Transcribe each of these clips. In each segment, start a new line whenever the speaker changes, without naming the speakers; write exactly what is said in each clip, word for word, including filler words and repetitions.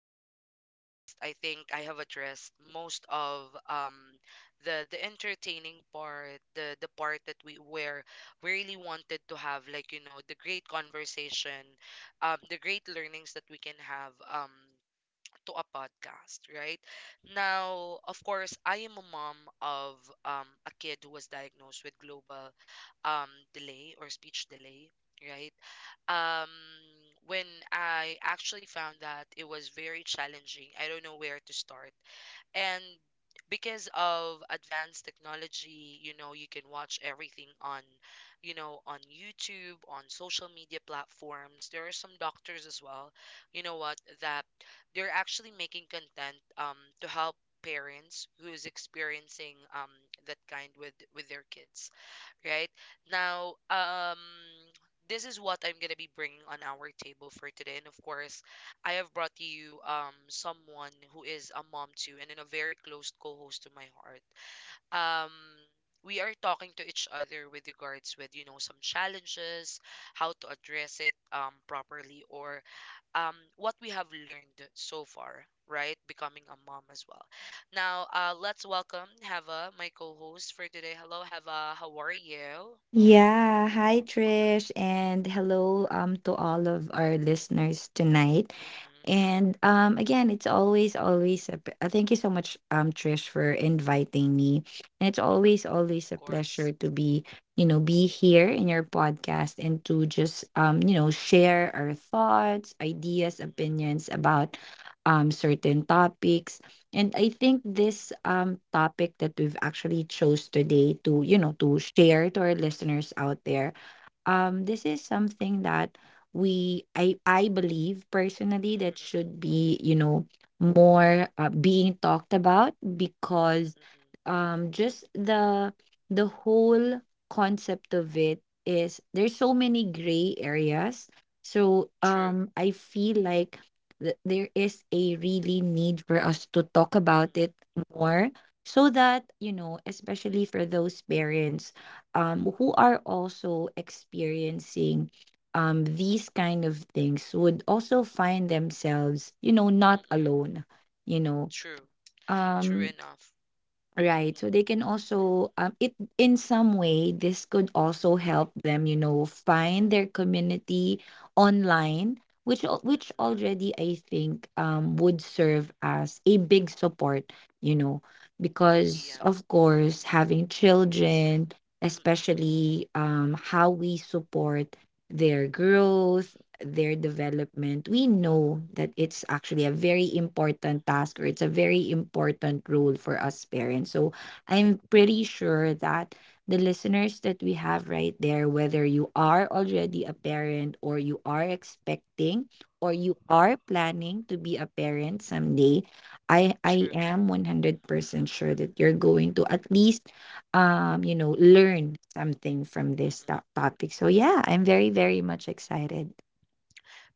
on our podcast, I think I have addressed most of um, the the entertaining part, the the part that we where we really wanted to have, like you know, the great conversation, um, the great learnings that we can have, um, to a podcast, right? Now, of course, I am a mom of um, a kid who was diagnosed with global um, delay or speech delay, right? Um, when I actually found that, it was very challenging. I don't know where to start, and because of advanced technology, you know, you can watch everything on, you know, on YouTube, on social media platforms. There are some doctors as well, you know what, that they're actually making content um to help parents who is experiencing um that kind with with their kids, right now. um this is what I'm going to be bringing on our table for today, and of course I have brought you um someone who is a mom too, and then a very close co-host to my heart. Um we are talking to each other with regards with, you know, some challenges, how to address it um properly, or um what we have learned so far, right? Becoming a mom as well. Now, uh let's welcome Hava, my co-host for today. Hello Hava, how are you?
Yeah, hi Trish, and hello um to all of our listeners tonight.
Mm-mm.
And um again, it's always always a p- uh, thank you so much um Trish for inviting me. And it's always always
Of
a pleasure
course.
to be, you know, be here in your podcast, and to just um, you know, share our thoughts,
Mm-mm,
ideas, opinions about um certain topics. And I
mm-mm,
think this um topic that we've actually chose today to, you know, to share to our listeners out there, um this is something that we I I believe personally that should
mm-mm,
be, you know more uh, being talked about,
mm-mm, mm-mm,
because
mm-mm.
um just the the whole concept of it, is there's so many gray areas. So
True.
um I feel like th- there is a really need for us to talk about it more, so that, you know especially for those parents, um, who are also experiencing, um, these kind of things, would also find themselves, you know, not
Mm-mm.
alone. You know,
True. True
um,
enough.
Right. So
Mm-mm.
they can also um it in some way, this could also help them, you know, find their community online, which al- which
Mm-mm.
already I think um would serve as a big support, you know, because
Yeah.
of course, having children,
Mm-mm-mm.
especially um how we support their growth, their development, we know that it's actually a very important task, or it's a very important role for us parents. So I'm pretty sure that the listeners that we have right there, whether you are already a parent, or you are expecting, or you are planning to be a parent someday, I I
True.
am one hundred percent sure that you're going to, at least, um you know learn something from this
Mm-mm.
to- topic. So yeah, I'm very very much excited.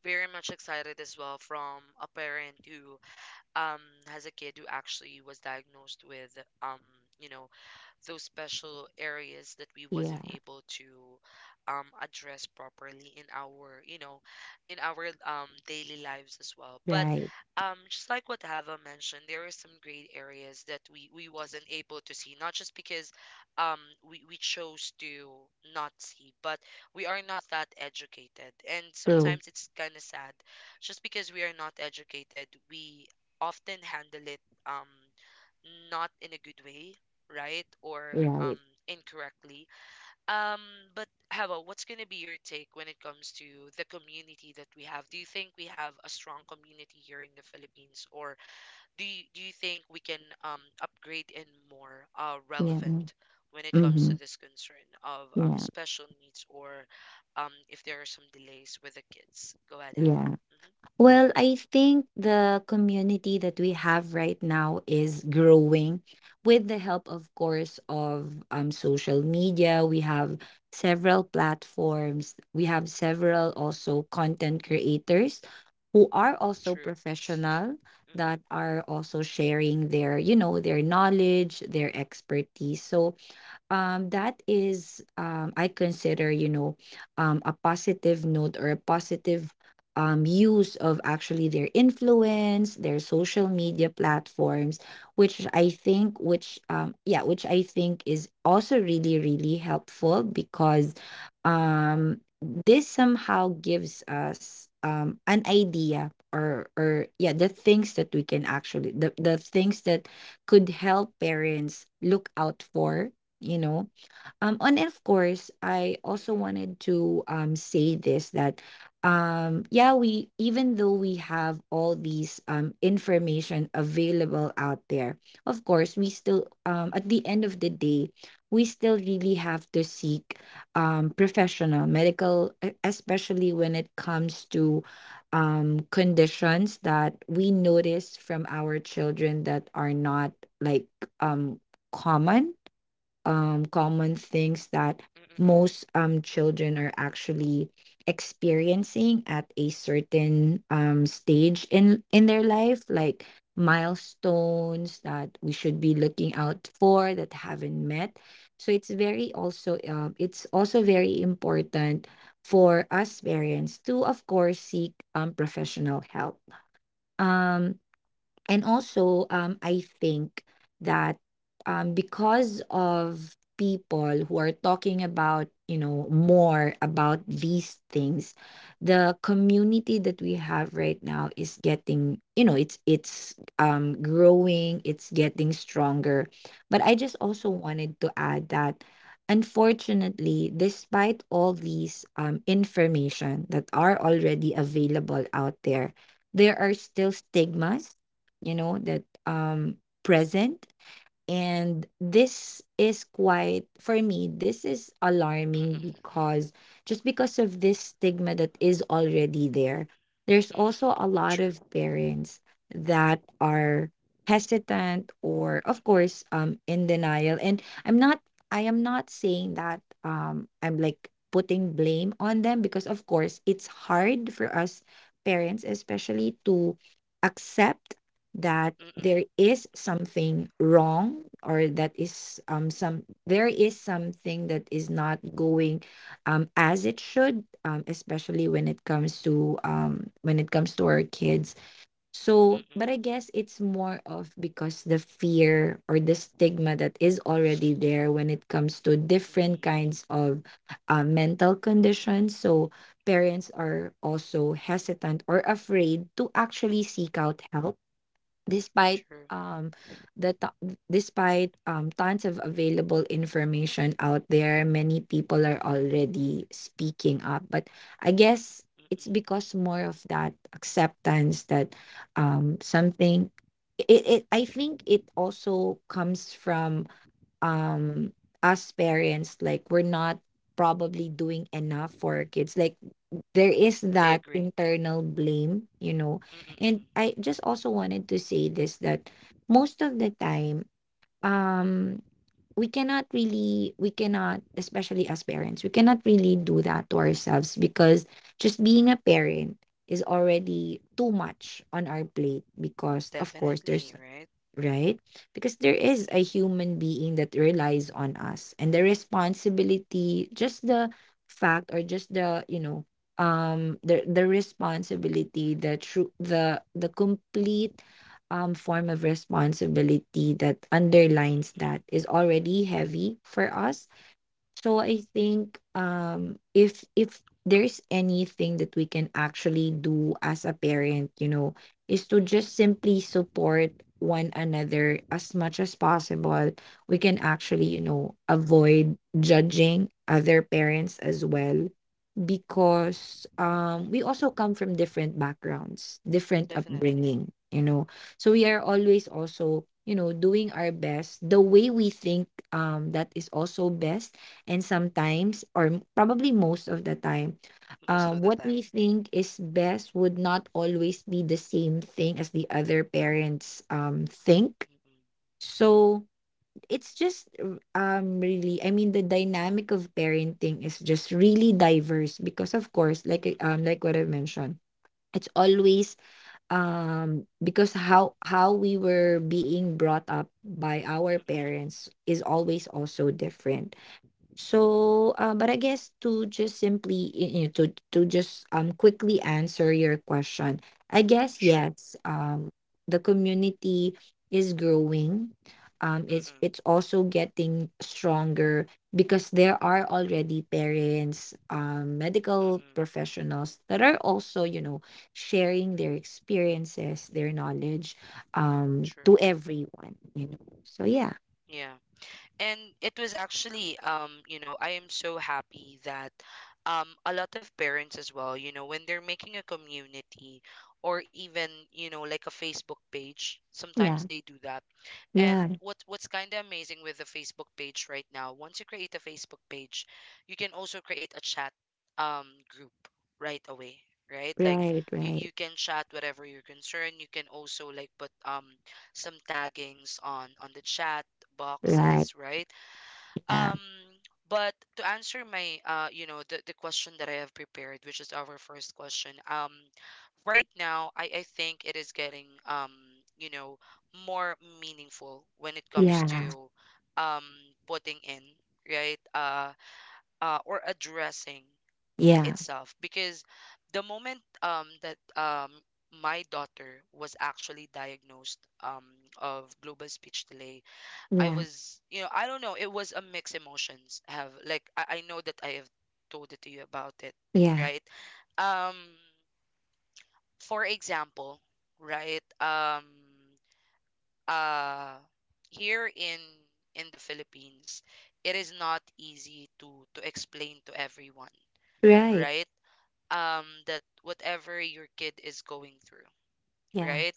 Very much excited as well, from a parent who um has a kid who actually was diagnosed with um you know, those special areas that we wasn't
Yeah,
able to um, address properly in our, you know, in our um, daily lives as well. But
right.
um, just like what Hava mentioned, there are some great areas that we we wasn't able to see, not just because um, we, we chose to not see, but we are not that educated, and
True.
sometimes it's kind of sad. Just because we are not educated, we often handle it um not in a good way, right? Or um
Right.
incorrectly. Um, but Hava, what's gonna be your take when it comes to the community that we have? Do you think we have a strong community here in the Philippines, or do you do you think we can um upgrade and more uh
Yeah.
relevant when it comes to
Mm-hmm.
this concern of um
Yeah.
special needs, or um if there are some delays with the kids? Go ahead, Hava.
Yeah.
Hmm.
Well, I think the community that we have right now is growing, with the help, of course, of um social media. We have several platforms. We have several also content creators who are also
True.
professional, that
Mm-mm.
are also sharing their, you know, their knowledge, their expertise. So um that is, um I consider, you know, um a positive note, or a positive um use of actually their influence, their
Mm-mm.
social media platforms, which I think which um yeah, which I think is also really really helpful. Because um this somehow gives us um an idea, or or yeah, the things that we can actually the, the things that could help parents look out for, you know um and of course I also
Mm-mm.
wanted to um say this, that um yeah we even though we have all these um information available out there, of course we still, um at the
Mm-mm.
end of the day, we still really have to seek um professional medical, e- especially when it comes to um conditions that we notice from our children that are not, like, um common um common things that
Mm-mm.
most um children are actually experiencing at a certain um stage in in their life, like milestones that we should be looking out for that haven't met. So it's very also, um it's also very important for us parents to, of course, seek um professional help. Um and also, um, I think that, um, because of people who are talking about, you know more about these things, the community that we have right now is getting, you know, it's it's um growing, it's getting stronger. But I just also wanted to add that, unfortunately, despite all these um information that are already available out there, there are still stigmas, you know that um present. And this is quite, for me this is alarming, because just because of this stigma that
Mm-mm.
is already there, there's
Mm,
also
mm.
a lot
True.
of parents that are hesitant, or of
Mm-mm.
course um in denial. And i'm not i am not saying that um I'm, like, putting blame on them, because of course it's hard for us parents, especially, to accept that
Mm-mm.
there is something wrong, or that is, um some there is something that is not going um as it should, um especially when it comes to, um when it comes to our kids. So, but
Mm-mm.
I guess it's more of because the fear, or the stigma that is already there when it comes to different
Mm-mm.
kinds of uh, mental conditions. So parents are also hesitant, or afraid to actually seek out help, despite,
True.
um the to- despite um tons of available information out there, many people are already speaking up. But I guess it's
Mm-mm.
because, more of that acceptance, that um something, it, it I think it also comes from um us parents, like we're not probably doing enough for our kids, like there is
I
that
agree.
internal blame, you know.
Mm-mm.
And
Mm-mm.
I just also wanted to say this, that most of the time, um, we cannot really, we cannot especially as parents, we cannot really do that to ourselves, because just being a parent is already too much on our plate, because, of course, there's,
Definitely, right?
right? Because there is a
Mm-mm.
human being that relies on us, and the responsibility, just the fact, or just the, you know, um the the responsibility, the true the the complete um form of responsibility that underlines
Mm-mm.
that, is already heavy for us. So I
Mm-mm.
think, um if if there's anything that we can actually do as a parent, you know, is to
Mm-mm.
just simply support one another as much as possible. We can
Mm-mm.
actually, you know, avoid judging other parents as well, because um, we also come from different backgrounds, different
Definitely.
upbringing, you know. So we are always also, you know, doing our best the way we think, um, that is also best. And sometimes,
Mm-mm.
or m- probably most of the time,
Most
uh,
of the
what we
time.
think is best would not always be the same thing as the other parents, um, think.
Mm-mm.
So, it's just, r- um really, I mean, the dynamic of parenting is just really diverse, because of course, like I-
Mm-mm.
um like what I mentioned, it's always, um because how how we were being brought up by our
Mm-mm.
parents is always also different. So, uh, but I guess to just simply, y- you know, to to just um quickly answer your question, I guess
Sure.
yes. Um, the community is growing. Um, it's
Mm-mm.
it's also getting stronger, because there are already parents, um, medical
Mm-mm.
professionals that are also, you know, sharing their experiences, their knowledge, um,
True.
to everyone, you know. So yeah,
Yeah. And it was actually um you know, I am so happy that um a lot of parents as well, you know, when they're making a community or even, you know, like a Facebook page, sometimes
yeah,
they do that. And
yeah,
what what's kind of amazing with the Facebook page right now, once you create a Facebook page, you can also create a chat um group right away, right? Like
right,
you,
right.
you can chat whatever you're concerned, you can also like put um some taggings on on the chat
Right.
boxes, right?
Yeah,
Um, but to answer my, uh, you know, the, the question that I have prepared, which is our first question, um, right now, I, I think it is getting, um, you know, more meaningful when it comes
yeah,
to um, putting in, right? Uh, uh, or addressing
yeah,
itself. Because the moment um, that um, my daughter was actually diagnosed um, of global speech delay, I
yeah,
was, you know, I don't know. It was a mixed emotions. I have like I, I know that I have told it to you about it,
yeah,
right? Um, for example, right? Um, uh, here in in the Philippines, it is not easy to to explain to everyone,
right,
right? Um, that whatever your kid is going through,
yeah,
right?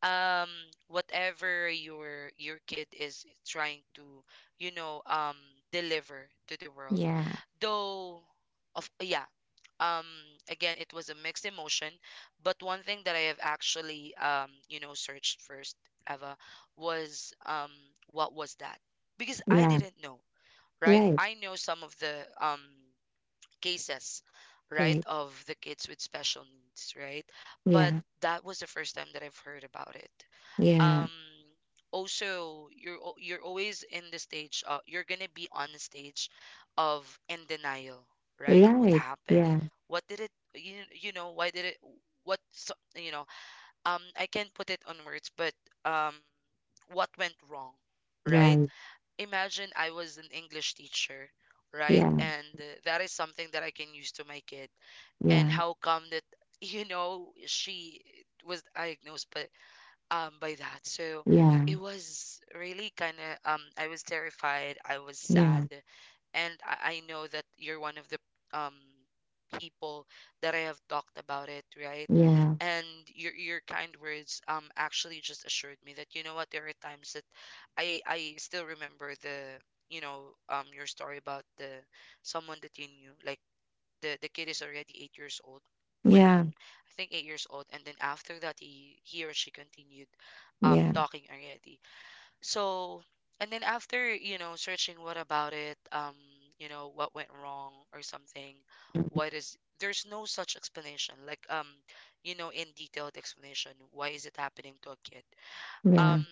um whatever your your kid is trying to, you know, um deliver to the world,
yeah,
though. Of, yeah, um again, it was a mixed emotion. But one thing that I have actually, um you know, searched first ever was, um what was that? Because I
yeah,
didn't know, right?
right,
I know some of the um cases, right,
right,
of the kids with special needs, right? But
yeah,
that was the first time that I've heard about it.
yeah,
um also, you're al- you're always in the stage, uh, you're gonna be on the stage of in denial, right? What
right,
happened?
yeah,
What did it? you, you know, why did it, what? So, you know, um I can't put it on words, but um what went wrong, right?
right,
Imagine, I was an English teacher, right?
yeah,
And uh, that is something that I can use to my kid. And
yeah,
how come that you know, she was diagnosed but um by that. So
yeah,
it was really kind of um I was terrified, I was
yeah,
sad, and I, I know that you're one of the um people that I have talked about it, right?
yeah,
And your your kind words um actually just assured me that, you know what, there are times that I I still remember the, you know, um your story about the someone that you knew, like the the kid is already eight years old when,
yeah,
I think, eight years old, and then after that he he or she continued um
yeah,
talking already. So, and then after, you know, searching what about it, um you know, what went wrong or something,
mhm,
why does there's no such explanation, like um you know, in detailed explanation, why is it happening to a kid, um
yeah,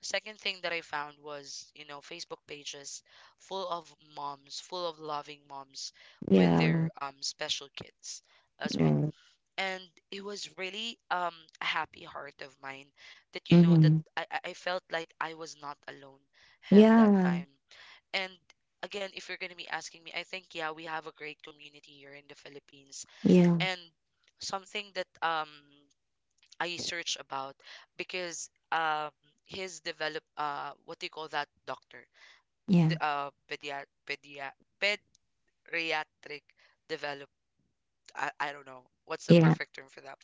second thing that I found was, you know, Facebook pages full of moms, full of loving moms, with their
yeah,
um special kids as well.
right,
And it was really um a happy heart of mine that, you know, that
mm-hmm,
i i I felt like I was not alone, have that
yeah,
time. And again, if you're going to be asking me, I think yeah, we have a great community here in the Philippines.
yeah,
And something that um I searched about, because um his develop, uh what do you call that doctor,
yeah,
the uh pedia pedia pediatric develop, I, I don't know what's the
yeah,
perfect term for that,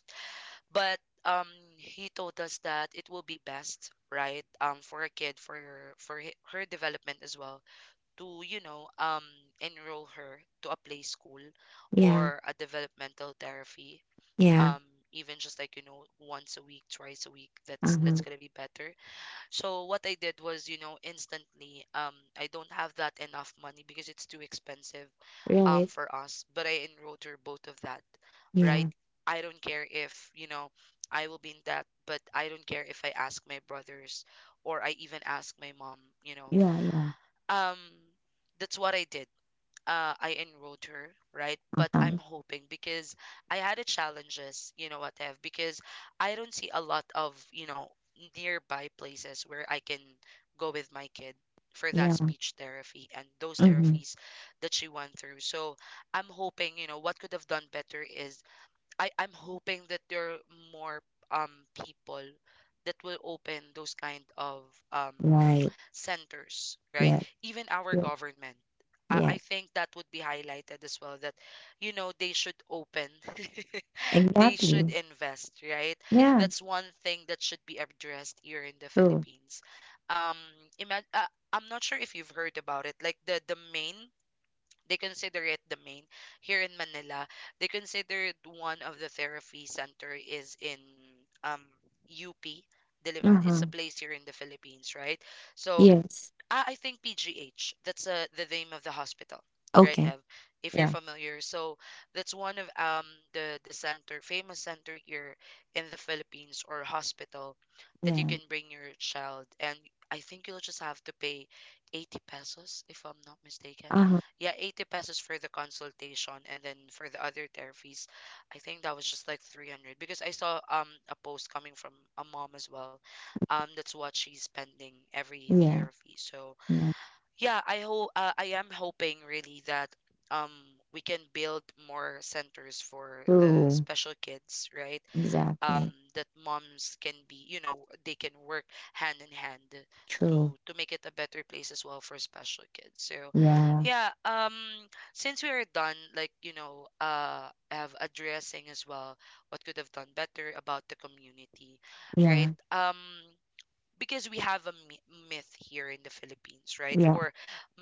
but um he told us that it will be best, right? um for a kid, for her, for he- her development as well, to, you know, um enroll her to a play school
yeah,
or a developmental therapy,
yeah,
um even just like, you know, once a week, twice a week, that's that's
uh-huh,
gonna be better. So what I did was, you know, instantly um I don't have that enough money because it's too expensive um
right,
for us, but I enrolled her both of that, right?
yeah,
I don't care if, you know, I will be in debt, but I don't care if I ask my brothers, or I even ask my mom, you know,
yeah, yeah,
um that's what I did. uh, I enrolled her, right? But I'm
uh-huh,
hoping, because I had a challenges, you know what, Have, because I don't see a lot of, you know, nearby places where I can go with my kid for that
yeah,
speech therapy and those
mm-hmm,
therapies that she went through. So I'm hoping, you know, what could have done better is I I'm hoping that there are more um people that will open those kind of um
right,
centers, right?
yeah,
Even our
yeah,
government. I,
yeah.
I think that would be highlighted as well, that, you know, they should open they should
Exactly.
invest, right?
Yeah,
That's one thing that should be addressed here in the
true.
Philippines. um ima- uh, I'm not sure if you've heard about it, like the the main they consider it the main here in Manila. They consider it, one of the therapy center is in um U P, Diliman. It's
Uh-huh.
a place here in the Philippines, right? So,
Yes.
ah, I think P G H. That's uh, the name of the hospital, right,
Okay.
Ev? If you're
Yeah.
familiar. So that's one of um the the center, famous center here in the Philippines or hospital, that you
Yeah.
can bring your child, and I think you'll just have to pay eighty pesos, if I'm not mistaken.
Uh-huh.
Yeah, eighty pesos for the consultation, and then for the other therapies, I think that was just like three hundred, because I saw um a post coming from a mom as well, um that's what she's spending every
Yeah.
therapy. So
Yeah.
yeah, I hope, uh, I am hoping really that um we can build more centers for the
True.
special kids, right? Um,
Exactly.
that moms can be, you know, they can work hand in hand
True.
to to make it a better place as well for special kids. So,
Yeah.
yeah, um since we are done, like, you know, uh of addressing as well what could have done better about the community, right?
Yeah.
Um because we have a mi- myth here in the Philippines, right?
Yeah.
Or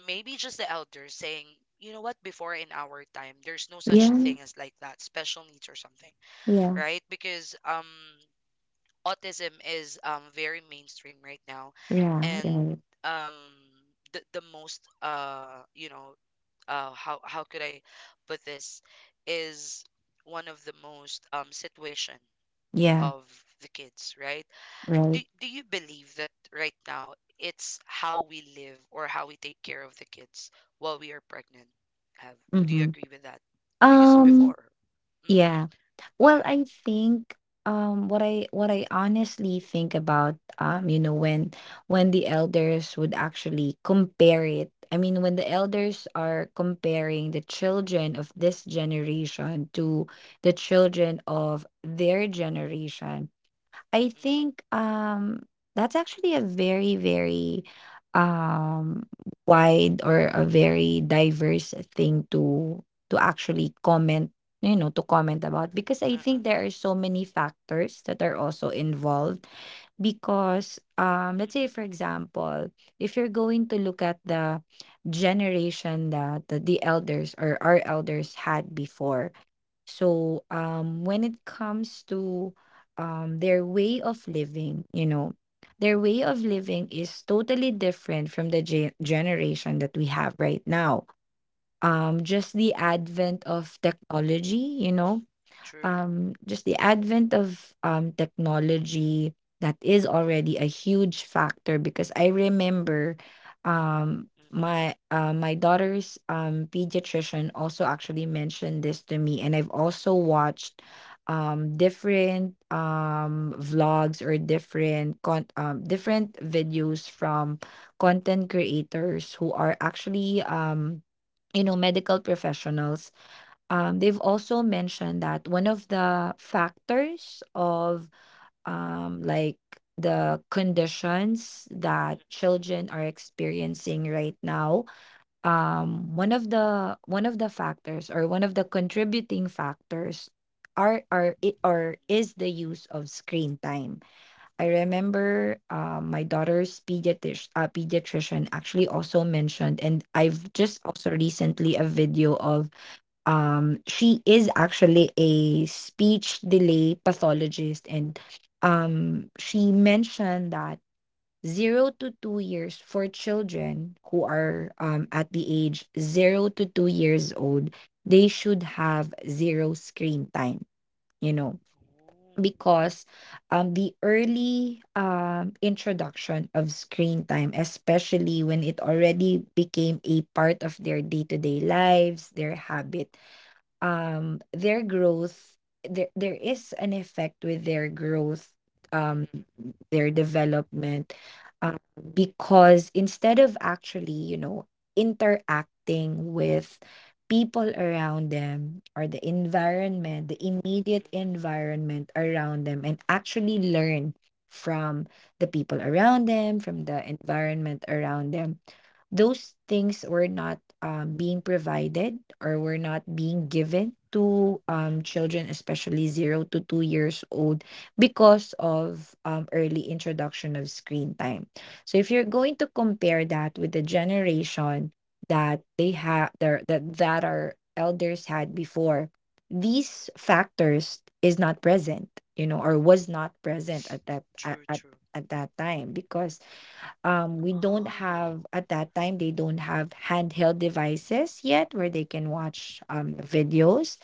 maybe just the elders saying, you know what, before in our time, there's no such thing as like that, special needs or something,
Yeah.
right? Because um, autism is um, very mainstream right now,
Yeah. Yeah.
and
Right.
um, the the most uh, you know, uh, how how could I put this is one of the most um situation
Yeah.
of the kids, right? do,
Right.
do you believe that right now it's how we live or how we take care of the kids while we are pregnant have do you
Mm-hmm.
agree with that because
Um
before mm,
Yeah.
go
Well,
ahead.
I think um what I what I honestly think about, um you know when when the elders would actually compare it. I mean, when the elders are comparing the children of this generation to the children of their generation, I
Mm-mm,
think, um that's actually a very, very, um wide, or a very diverse thing to to actually comment, you know, to comment about, because I
uh-uh,
think there are so many factors that are also involved, because um let's say, for
mm-mm,
example, if you're going to look at the generation that the, the elders, or our elders had before. So, um, when it comes to, um, their way of living, you know, their way of
mm-mm,
living is totally different from the ge- generation that we have right now. Um, just the advent of technology, you know,
true.
um, just the advent of um, technology, that is already a huge factor because I remember um,
Mm-mm,
my uh, my daughter's um, pediatrician also actually mentioned this to me, and I've also watched um, different um, vlogs, or different con- um, different videos
mm-mm,
from content creators who are actually um, you know medical professionals. Um, they've also mentioned that one of the factors of, um, like the conditions
mm-mm,
that
mm-mm,
children are experiencing right now, um, one of the one of the factors, or one of the contributing factors are are it
mm-mm.
or is the use of screen time. I
Ooh,
remember um, my daughter's pediatric, uh, pediatrician actually also mentioned, and I've just also recently a video of um, she is actually a speech delay pathologist, and um, she
mm-mm,
mentioned that zero to two years, for children who are um, at the age zero to two years old, they should have zero screen time, you know,
ooh,
because um, the early um, introduction of screen time, especially when it already became a part of their day to day lives, their habit, um, their growth, there there is an effect with their growth, um their development, um, because instead of actually, you know interacting with people around them, or the environment, the immediate
mm-mm,
environment around them, and actually learn from the people around them, from the environment around them. Those things were not um, being provided, or were not being given to
mm-mm,
um,
uh-uh,
children, especially zero to two years old, because of um, early introduction of screen time. So if you're going to compare that with the generation that they had, that that our elders had before, these factors is not present, you know, or was not present at that, at
true,
at,
true,
at that time, because um we don't
oh.
have, at that time they don't have handheld devices yet, where they can watch um videos.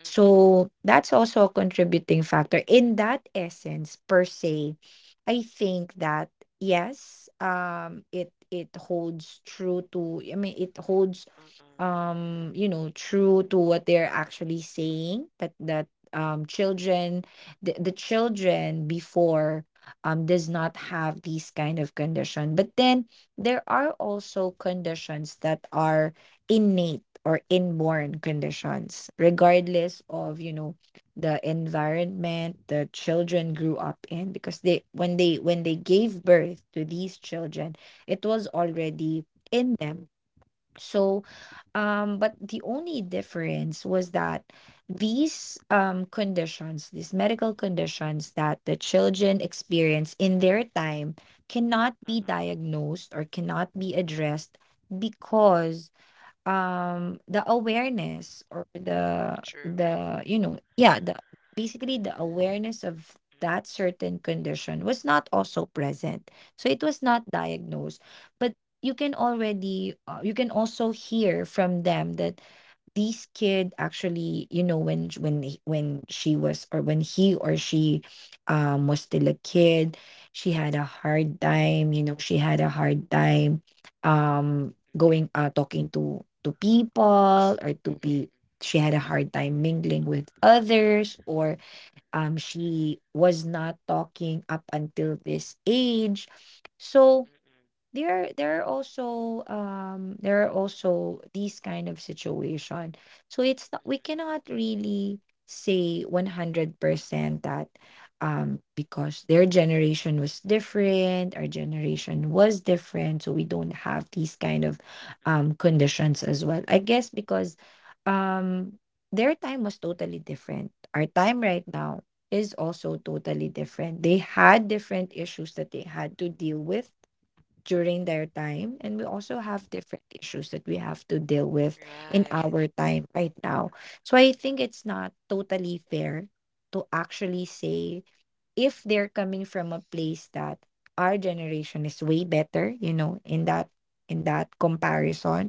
Mm-mm,
So,
mm-mm,
that's also a contributing factor. In that essence, per se, I think that yes, um, it it holds true to. I mean, it holds,
mm-mm,
um you know true to what they're actually saying. But that um children, the, the children before um does not have these kind of condition, but then there are also
mm-mm,
conditions that are innate, or inborn conditions, regardless
mm-mm,
of, you know the environment the children grew up in, because they, when they when they gave birth to these children, it was already in them. So, um, but the only difference was that these um, conditions, these medical conditions that the children experience in their time, cannot be
mm-mm,
diagnosed, or cannot be addressed, because um the awareness, or the
true.
the you know yeah the basically, the awareness of that certain condition was not also present, so it was not diagnosed. But you can already, uh, you can also hear from them that this kid actually, you know when sh- when he- when she was, or when he or she um was still a kid, she had a hard time, you know she had a hard time, Um. going, uh talking to to people, or to be,
Mm-mm,
she had a hard time mingling with others, or um she was not talking up until this age. So
mm-mm,
there there are also um there are also these kind of situation, so it's not, we
mm-mm,
cannot really say one hundred percent that, um because their generation was different, our generation was different, so we don't have these kind of um
mm-mm,
conditions as well, I guess, because um their time was totally different. Our time right now is also totally different. They had
mm-mm,
different
mm-mm.
issues that they had to deal with during their time, and we also have different issues that we have to deal with in
Right.
our time right now. So I think it's not totally fair to actually say, if they're coming from a place that our generation is way better, you know in that, in that comparison,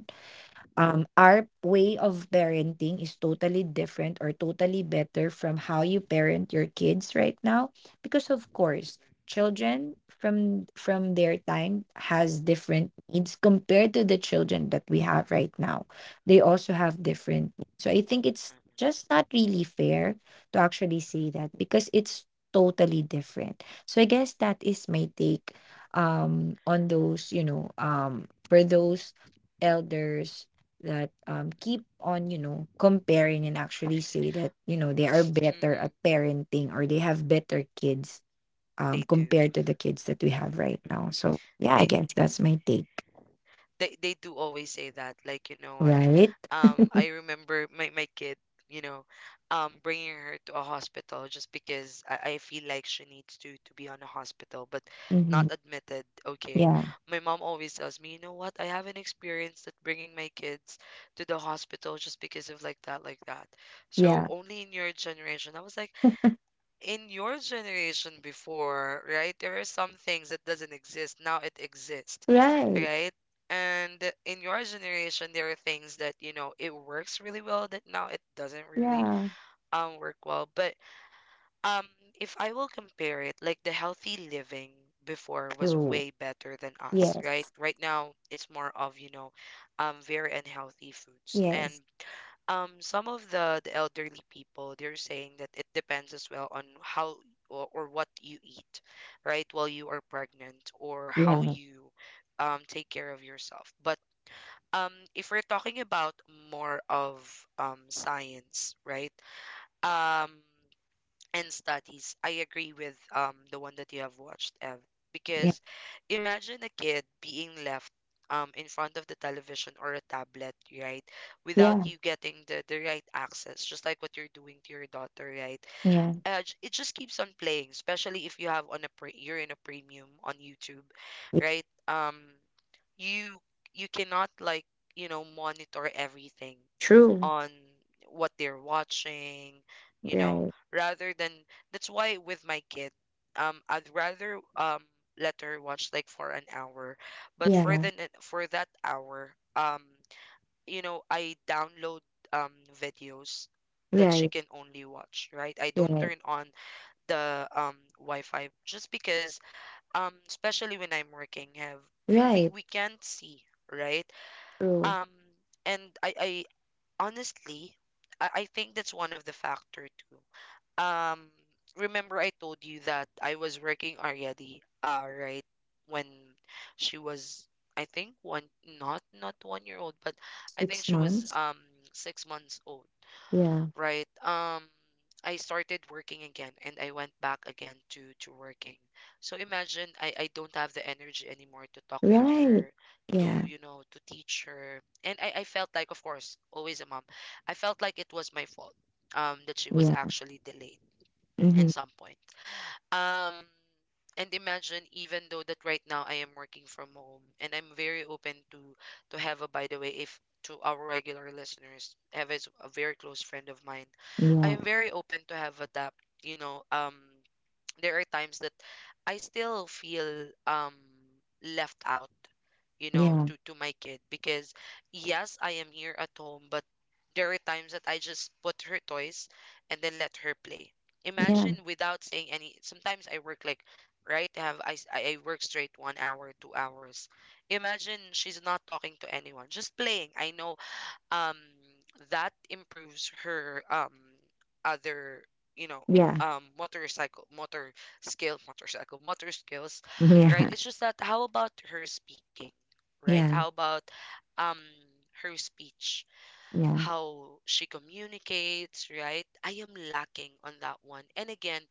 um, our way of parenting is totally different, or totally better from how you parent your kids right now, because of
Mm-mm,
course children from from their time has different needs compared to the children that we have right now. They also have different needs. So I think it's just not really fair to actually say that, because it's totally different. So I guess that is my take, um on those, you know um for those
uh-uh,
elders that um keep on, you know, comparing, and actually say that, you know, they are
mm-mm,
better
mm-mm.
at parenting, or they have better kids, um
They do.
compared to the kids that we have right now.
Mm-mm.
So yeah, I
They
guess that's my take.
they they do always say that, like, you know what,
Right.
um I remember my, my kid, you know, um bringing her to a hospital just because I, I feel like she needs to to be on a hospital but not
Mm-hmm.
admitted, okay.
Yeah.
My mom always tells me, you know what, I haven't experienced that, bringing my kids to the hospital just because of like that, like that. So
Yeah.
only in your generation. I was like, in your generation before, right, there are some things that doesn't exist. Now it exists,
Right.
right? And in your generation, there are things that, you know, it works really well that now it doesn't really
Yeah.
um work well. But um if I will compare it, like the healthy living before was
True.
way better than us,
Yes.
right? Right now it's more of, you know, um very unhealthy foods. And
Yes.
um some of the the elderly people, they're saying that it depends as well on how or, or what you eat, right, while you are pregnant, or how
Yeah.
you um take care of yourself. But um if we're talking about more of um science, right, um and studies, I agree with um the one that you have watched, Ev,
Yeah.
because imagine a kid being left um in front of the television or a tablet, right? Without
Yeah.
you getting the, the right access, just like what you're doing to your daughter, right?
Yeah,
Uh, j- it just keeps on playing, especially if you have on a pre- you're in a premium on YouTube,
yeah.
right? Um, you you cannot like, you know, monitor everything
True.
on what they're watching, you know,
Right.
rather than, that's why with my kid, um, I'd rather um let her watch like for an hour, but for
Yeah.
the ne- for that hour, um, you know, I download um videos that she
Right.
can only watch, right? I don't
Right.
turn on the um Wi-Fi just because um especially when I'm working have we
Right.
we can't see, right?
True.
Um and I I, honestly, I, I think that's one of the factor too. Um, remember I told you that I was working already, uh, right when she was, I think one, not not one year old, but I think
six
she was
months
um six months old,
Yeah.
right? Um, I started working again and I went back again to to working. So imagine I I don't have the energy anymore to talk to
Right.
her, to,
Yeah.
you know, to teach her. And I I felt like, of course, always a mom. I felt like it was my fault um that she was
Yeah.
actually delayed in
Mhm.
some point. Um, and imagine even though that right now I am working from home and I'm very open to to Heva, by the way, if to our regular listeners, Heva is a very close friend of mine. I
Yeah,
am very open to Heva that, you know, um there are times that I still feel um left out, you know, to to my kid because, yes, I am here at home, but there are times that I just put her toys and then let her play.
yeah,
Imagine without saying any. Sometimes I work like, right, I have I, s- I I work straight one hour, two hours, imagine she's not talking to anyone, just playing. I know um that improves her um other, you know,
yeah,
um motorcycle motor skill, motorcycle motor skills, right.
yeah,
It's just that, how about her speaking, right,
yeah,
how about um her speech,
yeah,
how she communicates, right? I am lacking on that one. And again,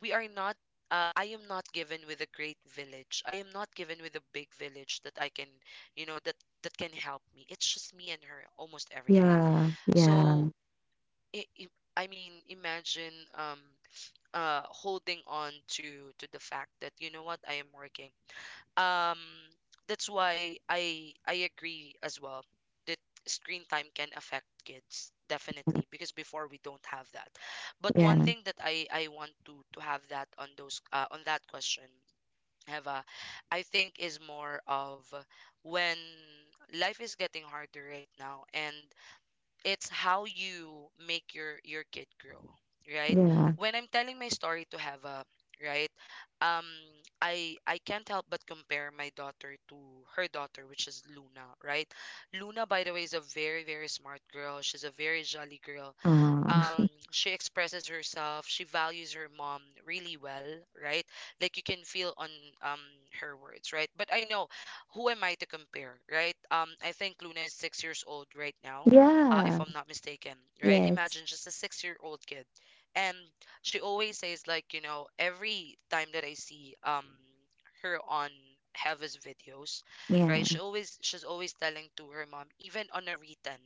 we are not, uh, I am not given with a great village. I am not given with a big village that I can, you know, that that can help me. It's just me and her almost every day.
yeah,
So
yeah,
i i I mean, imagine um uh holding on to to the fact that, you know what, I am working, um that's why i i agree as well that screen time can affect kids, definitely, because before we don't have that. But one
yeah,
thing that i i want to to have that on those uh, on that question, Heva, I think is more of, when life is getting harder right now, and it's how you make your your kid grow, right?
yeah, yeah.
When I'm telling my story to Hava, right, um i i can't help but compare my daughter to her daughter, which is Luna, right? Luna, by the way, is a very very smart girl. She's a very jolly girl,
Uh,
um she expresses herself, she values her mom really well, right? Like, you can feel on um her words, right? But I know, who am I to compare, right? um I think Luna is six years old right now, uh
yeah.
if I'm not mistaken, right?
Yes.
Imagine, just a six year old kid, and she always says like, you know, every time that I see um her on Heaven's videos, right? She
Yeah.
always, she's always telling to her mom, even on a written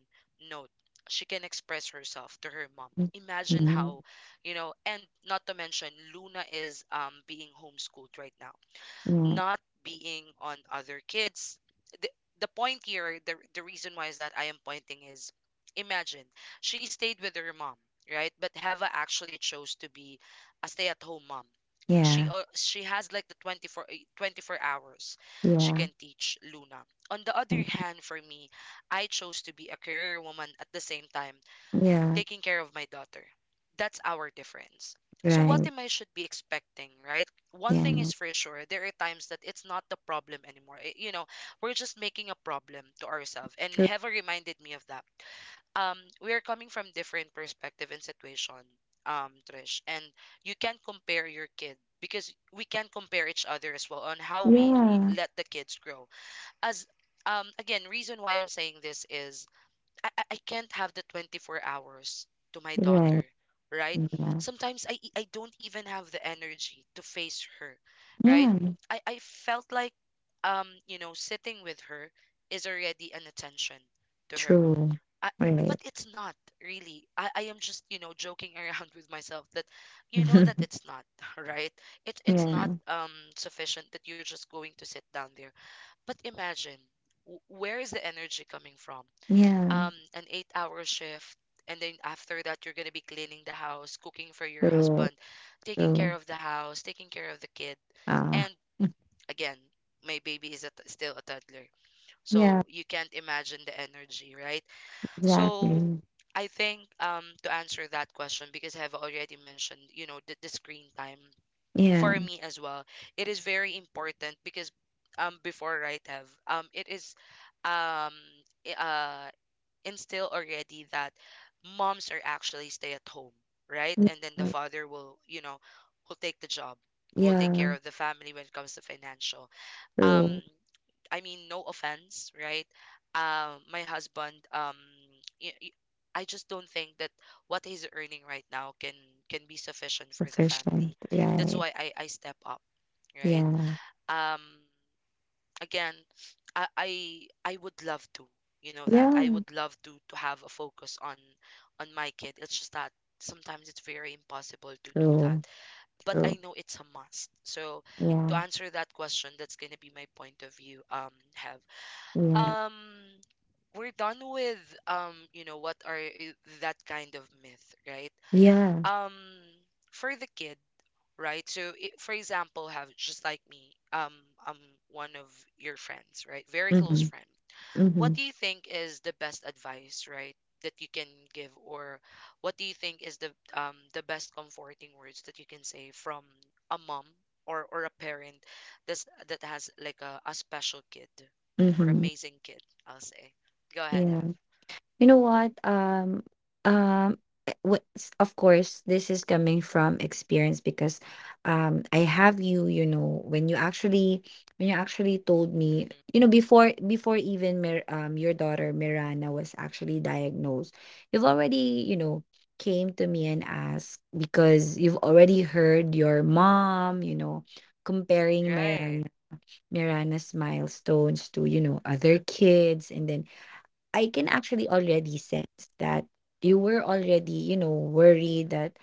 note, she can express herself to her mom. Imagine
Mm.
how, you know, and not to mention Luna is um being homeschooled right now,
Mm.
not being on other kids. The, the point here, the, the reason why is that I am pointing is, imagine she stayed with her mom, right? But Heva actually chose to be a stay at home mom. She
Yeah.
uh, she has like the twenty-four, eh, twenty-four hours
Yeah.
she
Yeah.
can teach Luna. On the other
Mm.
hand, for me, I chose to be a career woman at the same time
Yeah.
taking care of my daughter. That's our difference. So what
Right.
am I should be expecting, right? One thing
Yeah.
is for sure, there are times that it's not the problem anymore. I- you know, we're just making a problem to ourselves. And
True.
Heva reminded me of that. Um, we are coming from different perspective and situation, um, Trish. And you can't compare your kid, because we can compare each other as well on how we y-
Yeah.
let the kids grow. As um, again, reason why I'm saying this is, I, I I can't have the twenty-four hours to my daughter,
Right.
right?
Yeah.
Sometimes I, e- I don't even have the energy to face her, right?
Yeah.
I, I felt like, um, you know, sitting with her is already an attention to her.
True.
I,
Right.
but it's not really. I, I am just, you know, joking around with myself that, you know, that it's not, right? It, it's not
Yeah,
um sufficient that you're just going to sit down there. But imagine, w- where is the energy coming from?
yeah.
Um an eight hour shift, and then after that you're gonna be cleaning the house, cooking for your
True.
husband, taking
True.
care of the house, taking care of the kid.
Ah.
And again, my baby is a t- still a toddler,
Yeah.
so you can't imagine the energy, right? So
Exactly.
I think, um to answer that question, because I have already mentioned, you know, the, the screen time,
Yeah.
for me as well, it is very important because um before, right, have um it is um i- uh instill already that moms are actually stay at home, right? And then the
Yeah.
father will, you know, will take the job, will take care
Yeah,
of the family when it comes to financial. Um,
true.
I mean, no offense, right? Um, my husband, um, y- y- I just don't think that what he's earning right now can can be sufficient for the
Efficient,
family. That's
right?
why I I step up, right?
Yeah,
Um, again, I, I I would love to, you know, that I
yeah.
would love to to have a focus on on my kid. It's just that sometimes it's very impossible to do that,
True.
but I
True.
know it's a must. So to
Yeah,
answer that question, that's going to be my point of view, um have,
yeah,
um we're done with um you know, what are i- that kind of myth, right,
yeah.
um for the kid, right? So, it, for example, have just like me, um, I'm one of your friends, right? Very close
Mm-hmm,
friend. What
mm-hmm,
do you think is the best advice, right, that you can give, or what do you think is the um the best comforting words that you can say from a mom or or a parent that's that has like a, a special kid or
mm-hmm.
amazing kid? I'll say. Go ahead,
Yeah.
Have.
You know
Mm-mm,
what? Um, um, eh, wh- s- of course, this is coming from experience because, um, I have you. You know, when you actually, when you actually told me,
mm-mm.
you know, before before even Mir um your daughter Mirana was actually diagnosed, you've already, you know, came to me and asked because you've already heard your mom, you know, comparing
Right.
Mirana Mirana's milestones to, you know, other kids. And then I
mm-mm,
can actually already sense that you were already, you know, worried that,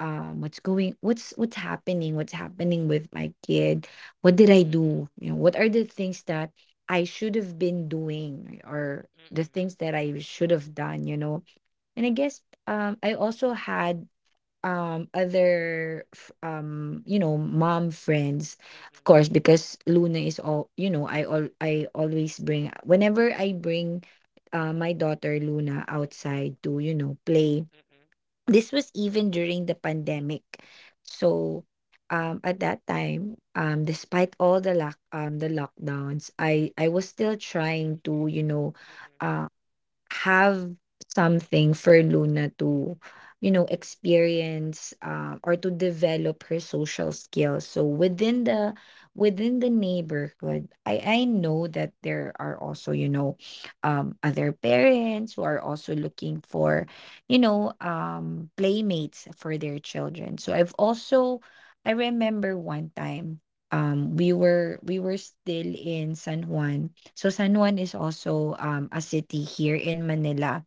um what's going what's what's happening, what's happening with my kid? What did I
mm-mm,
do? You know, what are the things that I should have been doing, or the things
mm-mm,
that I should have done, you know? And I guess um I also had um other f- um you know mom friends, of course,
mm-mm,
because Luna is all, you know I all I always bring, whenever I bring uh, my daughter Luna outside to, you know, play.
mm-mm,
This was even during the pandemic. So um at that time, um despite all the lock um the lockdowns, I I was still
mm-mm,
trying to, you know,
mm-mm,
have something for Luna to, you know, experience, uh, or to develop her social skills. So within the within the neighborhood, I I know that there are also, you know, um, other
mm-mm,
parents who are also looking for, you know, um, playmates for their children. So I've also, I remember one time. Um, we were, we were still in San Juan. So San Juan is also um, a city here in Manila.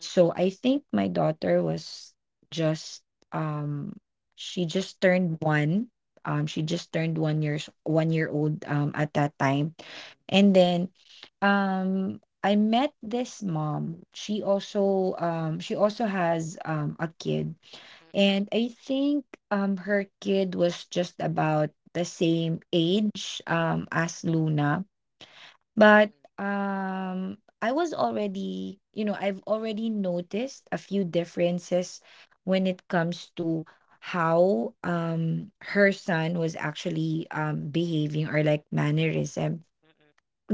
So I think my daughter was just, um she just turned one. Um, she just turned one years one year old um at that time.
mm-mm,
And then um I met this mom. She also um she also has um a kid.
mm-mm, mm-mm,
And I think um her kid was just about the same age um as Luna. But
mm-mm,
um, I was already, you know, I've already noticed a few differences when it comes to how um her son was actually um behaving, or like, mannerism.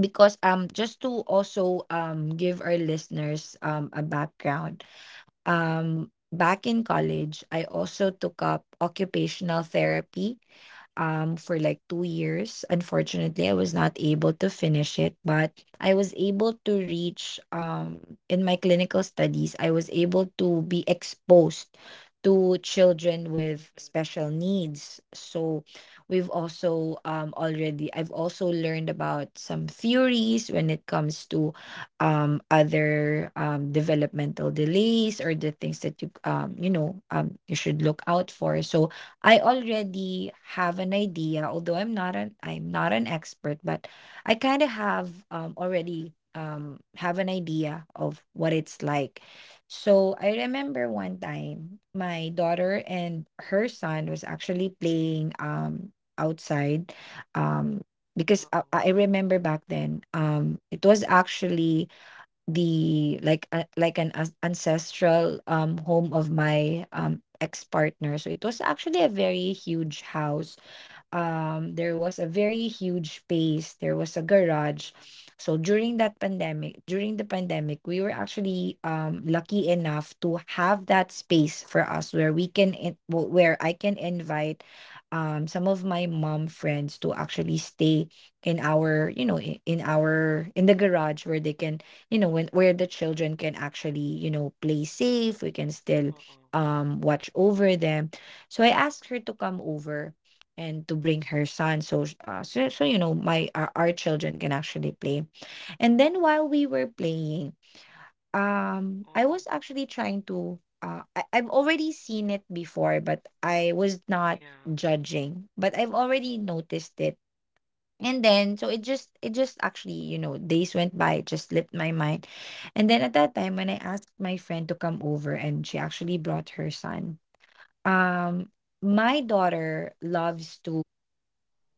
Because um just to also um give our listeners um a background. Um, back in college, I also took up occupational therapy, um, for
mm-mm,
like two years. Unfortunately, I was not able to finish it, but I was able to reach, um, in my clinical studies, I was able to be exposed to children with
mm-mm,
special needs. So we've also, um, already, I've also learned about some theories when it comes to um other um developmental delays, or the things that you um you know um you should look out for. So I already have an idea, although i'm not an i'm not an expert. But I kind of have um
mm-mm, mm-mm,
already, um have an idea of what it's like. So I remember one time, my daughter and her son was actually playing um outside, um because I,
uh-uh,
I remember back then um it was actually the like a like an as ancestral um home of my um ex-partner. So it was actually a very huge house. Um, there was a very huge space. There was a garage.
mm-mm,
So during that pandemic, during the pandemic, we were actually um, lucky enough to have that space for us, where we can, in- w- where I can invite um, some of my mom friends to actually stay in our, you know, i- in our, in the garage, where they can, you know, when, where the children can actually, you know, play safe. We can still
uh-uh,
um, watch over them. So I asked her to come over, and to bring her son, so sh- uh, so, so, you know, my, our, our children can actually play. And then while we were playing, um I
uh-uh,
was actually trying to, uh I, I've already seen it before, but I was not
yeah,
judging, but I've already noticed it. And then so it just it just actually, you know, days went by, it just slipped my mind. And then at that time, when I asked my friend to come over and she
mm-mm,
actually brought her son, um my daughter loves to,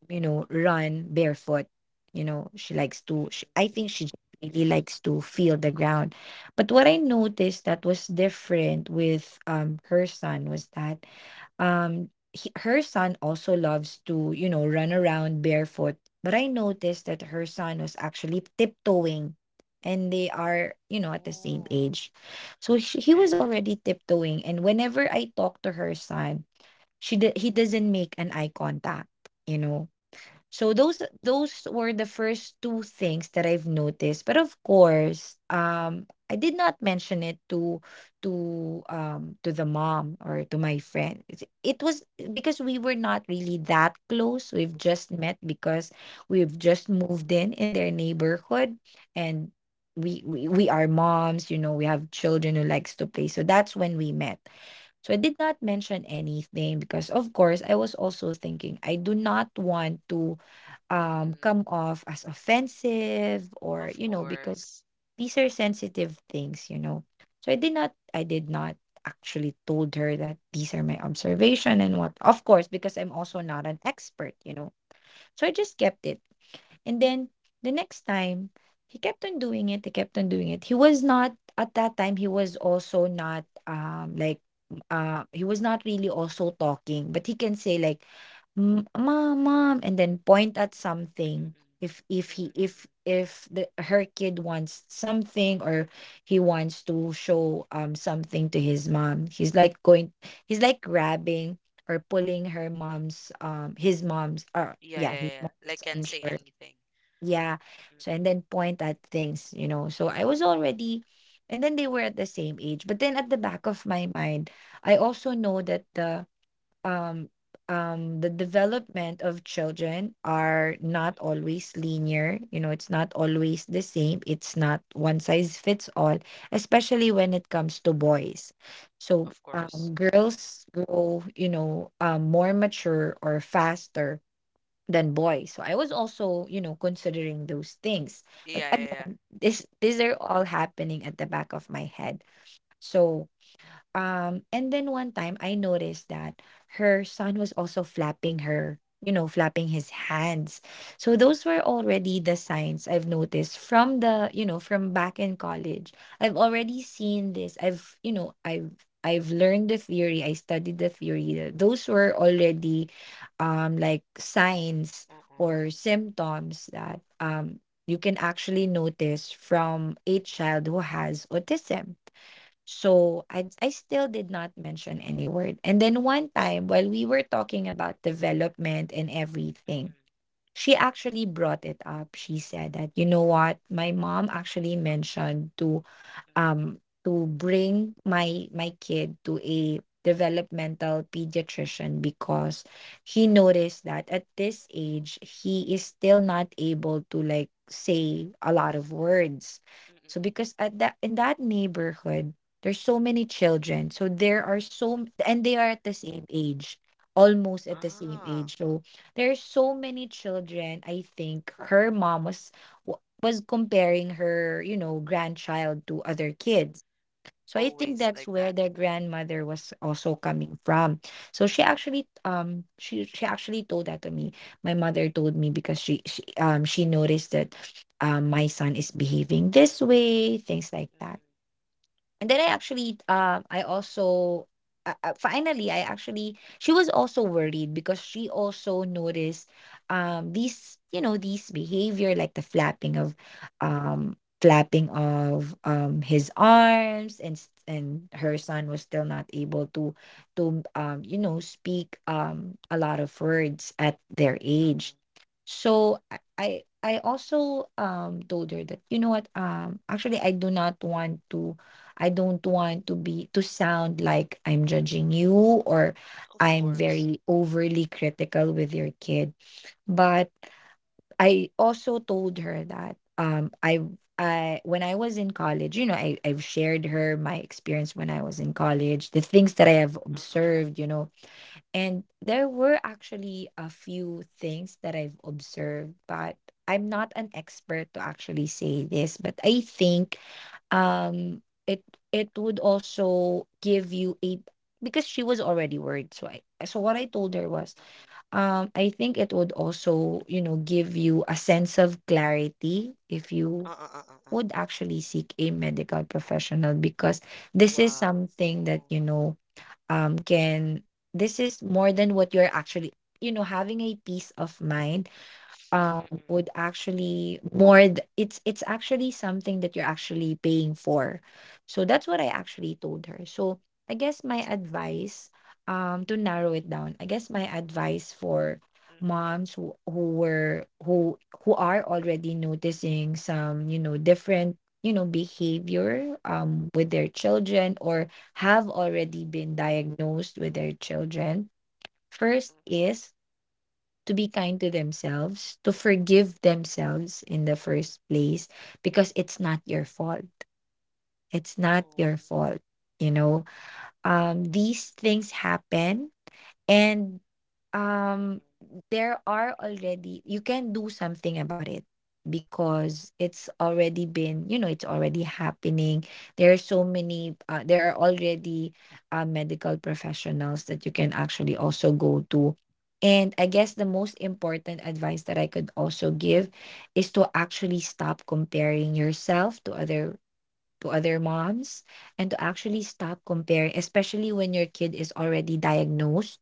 you know, run barefoot. You know, she likes to, she, I
mm-mm,
think she just really likes to
mm-mm,
feel the
mm-mm.
ground. But what I noticed that was different with um her son was that um he, her son also loves to, you know, run around barefoot. But I noticed that her son was actually tiptoeing, and they are, you know, at the same
Ooh,
age. So she, he
yeah,
was
yeah,
already tiptoeing. And whenever I talk to her son, she d- he doesn't make an eye contact, you know. So those those were the first two things that I've noticed. But of course, um, I did not mention it to to um to the mom, or to my friend. It's- It was because we were not really that close. We've just met because we've just moved in in their neighborhood, and we
mm-mm,
we, we are moms. You know, we have children who likes to play. So that's when we met. So I did not mention anything because, of course, I was also thinking I do not want to um
mm-mm,
come off as offensive,
of
or you know because
course,
these
mm-mm,
are sensitive things, you know, so i did not i did not actually told her that these are my observation and what, of course, because I'm also not an expert, you know, so I just kept it. And then the next time, he kept on doing it. He kept on doing it. He was not at that time. He was also not um like uh he was not really also talking, but he can say like, "Mm, Mom, mom," and then point at something
mm-mm,
if if
mm-mm,
he if
mm-mm.
if the her kid wants something, or he wants to show um something to his mom. He's like going. He's like grabbing or pulling her mom's um his mom's uh
Yeah,
yeah
yeah,
his
yeah. Like
mom's
can't
I'm
say
sure.
anything.
Yeah. So
Mm-mm,
and then point at things, you know. So I was already, and then they were at the same age. But then at the back of my mind, I also know that the um um the development of children are not
mm-mm,
always linear. You know, it's not always the same. It's not one size fits all, especially when it
mm-mm.
comes to boys. So
Of course.
um girls grow, you know, um more mature or faster than boys. So I was also, you know, considering those things.
Yeah,
But
yeah, yeah.
again, this these are all happening at the back of my head. So um, and then one time I noticed that her son was also flapping her, you know, flapping his hands. So those were already the
Uh-uh,
signs I've noticed from the, you know, from back in college. I've already seen this. I've, you know, I've I've learned the theory. I studied the theory. Th- Those were already um like signs
uh-uh,
or symptoms that um you can actually notice from a child who has autism. So I I still did not mention any word. And then one time while we were talking about development and everything,
mm-mm,
she actually brought it up. She said that, you know what, my mom actually mentioned to
mm-mm,
um, to bring my my kid to a developmental pediatrician because he noticed that at this age he is still not able to like say a lot of words.
mm-mm,
So
mm-mm.
because at that in that neighborhood there's so many children, so there are so m- and they are at the same age, almost at the same
Ah.
age. So there's so many children. I think her mom was was comparing her, you know, grandchild to other kids. So I think
Always
that's
like
where
that.
the grandmother was also coming from. So she actually um she she actually told that to me. My mother told me because she, she um she noticed that um my son is behaving this way, things like that.
Mm-mm,
And then I actually, um, I also, uh, uh, finally, I actually, she was also worried because she also noticed, um, these, you know, these behavior like the flapping of, um, flapping of, um, his arms, and s- and her
mm-mm,
son was still not able to, to, um, you know, speak, um, a lot of words at their age.
uh-uh,
So I, I I also um told her that, you know what, um actually I do not want to, I don't want to be to sound like I'm judging you,
mm-mm.
or
Of
I'm
course.
very overly critical with your kid. But I also told her that um I I when I was in college, you know, I, I've shared her my experience when I was in college, the things that I have
Uh-uh,
observed, you know. And there were actually a few things that I've observed, but I'm not an expert to actually say this. But I think
mm-mm,
um it it would also give you a, because she was already worried. So I so what I told her was
mm-mm,
um I think it would also, you know, give you a sense of clarity if you
uh-uh, uh-uh, uh.
would actually seek a medical professional, because this is
Wow.
something that,
Uh-uh,
you know, um can this is more than what you're actually, you know, having a peace of mind. Um
mm-mm.
would actually more th- it's it's actually something that you're actually paying for. So that's what I actually told her. So I guess my
True.
advice, um to narrow it down, I guess my advice for
Mm-mm,
moms who who were who who are already noticing some, you know, different, you know, behavior um with their children, or have already
mm-mm,
been diagnosed with their children, first
mm-mm.
is to be kind to themselves, to forgive themselves in the first place, because it's not your fault. It's not
Oh.
your fault. You know, um, these things happen. And, um,
Mm-mm,
there are already, you can do something about it, because it's already been, you know, it's already happening. There are so many, uh, there are already uh, medical professionals that you can actually also go to. And I guess the most important advice that I could also give is to actually stop comparing yourself to other, to other moms, and to
mm-mm,
actually stop comparing, especially when your kid is already diagnosed.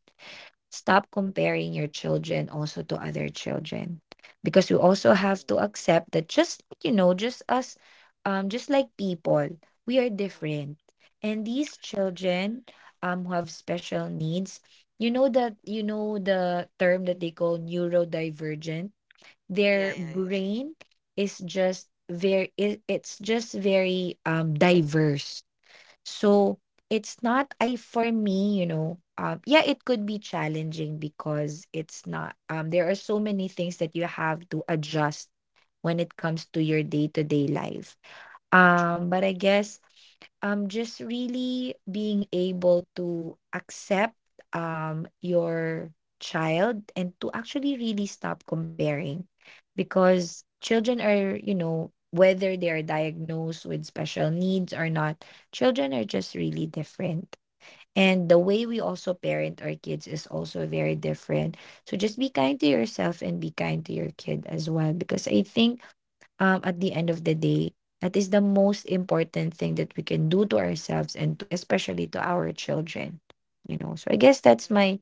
Stop comparing your children also to other children, because we also have
oh,
to accept that just like, you know, just us, um, just like people, we are different.
mm-mm.
And these children, um, who have special needs, you know, that you know the term that they call neurodivergent.
Yeah,
Their
yeah, yeah.
brain is just very it, it's just very um diverse. So it's not, I for me, you know, um yeah, it could be challenging, because it's not um there are so many things that you have to adjust when it comes to your day-to-day life.
True.
Um but I guess um just really being able to accept um your child and to actually really stop comparing, because
Mm-mm,
children are, you know, whether they are diagnosed with special needs or not, children are just really different, and the
mm-mm,
way we also parent our kids is also very different. So just be kind to yourself and be kind to your kid as well, because I think um, at the end of the day, that is the most important thing that we can do to ourselves, and to, especially to our children. You know, so I guess that's
mm-mm,
my,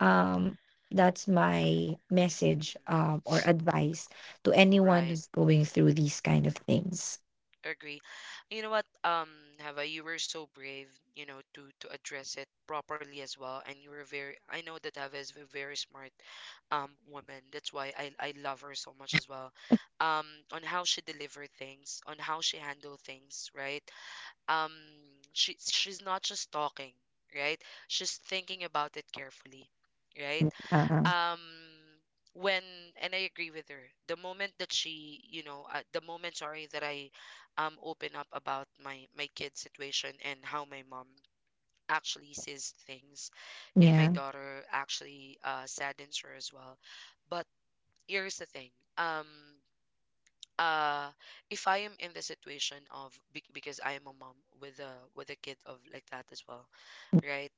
um, that's my message, um, or advice to
mm-mm.
anyone
Right.
who's going through these kind of things.
Agree. You know what, um, Hava, you were so brave, you know, to to address it properly as well, and you were very. I know that Hava is a very smart, um, woman. That's why I I love her so much as well. Um, on how she deliver things, on how she handle things, right? Um, she she's not just talking, right? She's thinking about it carefully, right?
Uh,
um when and I agree with her the moment that she you know uh, the moment, sorry, that I um open up about my my kid situation and how my mom actually sees things in my
yeah.
daughter, actually uh saddens her as well. But here's the thing. um uh if I am in the situation of bec- because I am a mom with a with a kid of like that as well, right?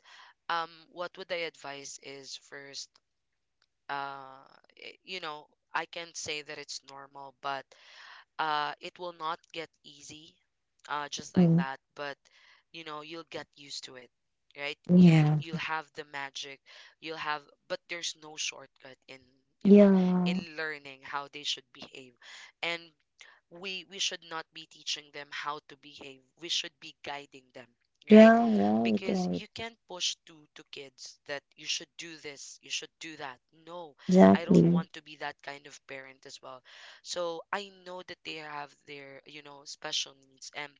um What would I advise is first. uh, i- you know, I can't say that it's normal, but uh, it will not get easy uh, just like
Mm,
that. But you know, you'll get used to it, right? You'll
yeah,
you'll have the magic. You'll have, but there's no shortcut in, you know, in
yeah,
learning how they should behave, and we we should not be teaching them how to behave. We should be guiding them, right?
yeah, right,
Because
right,
you can't push to to kids that you should do this, you should do that. No, I don't
exactly.
want to be that kind of parent as well. So I know that they have their, you know, special needs. And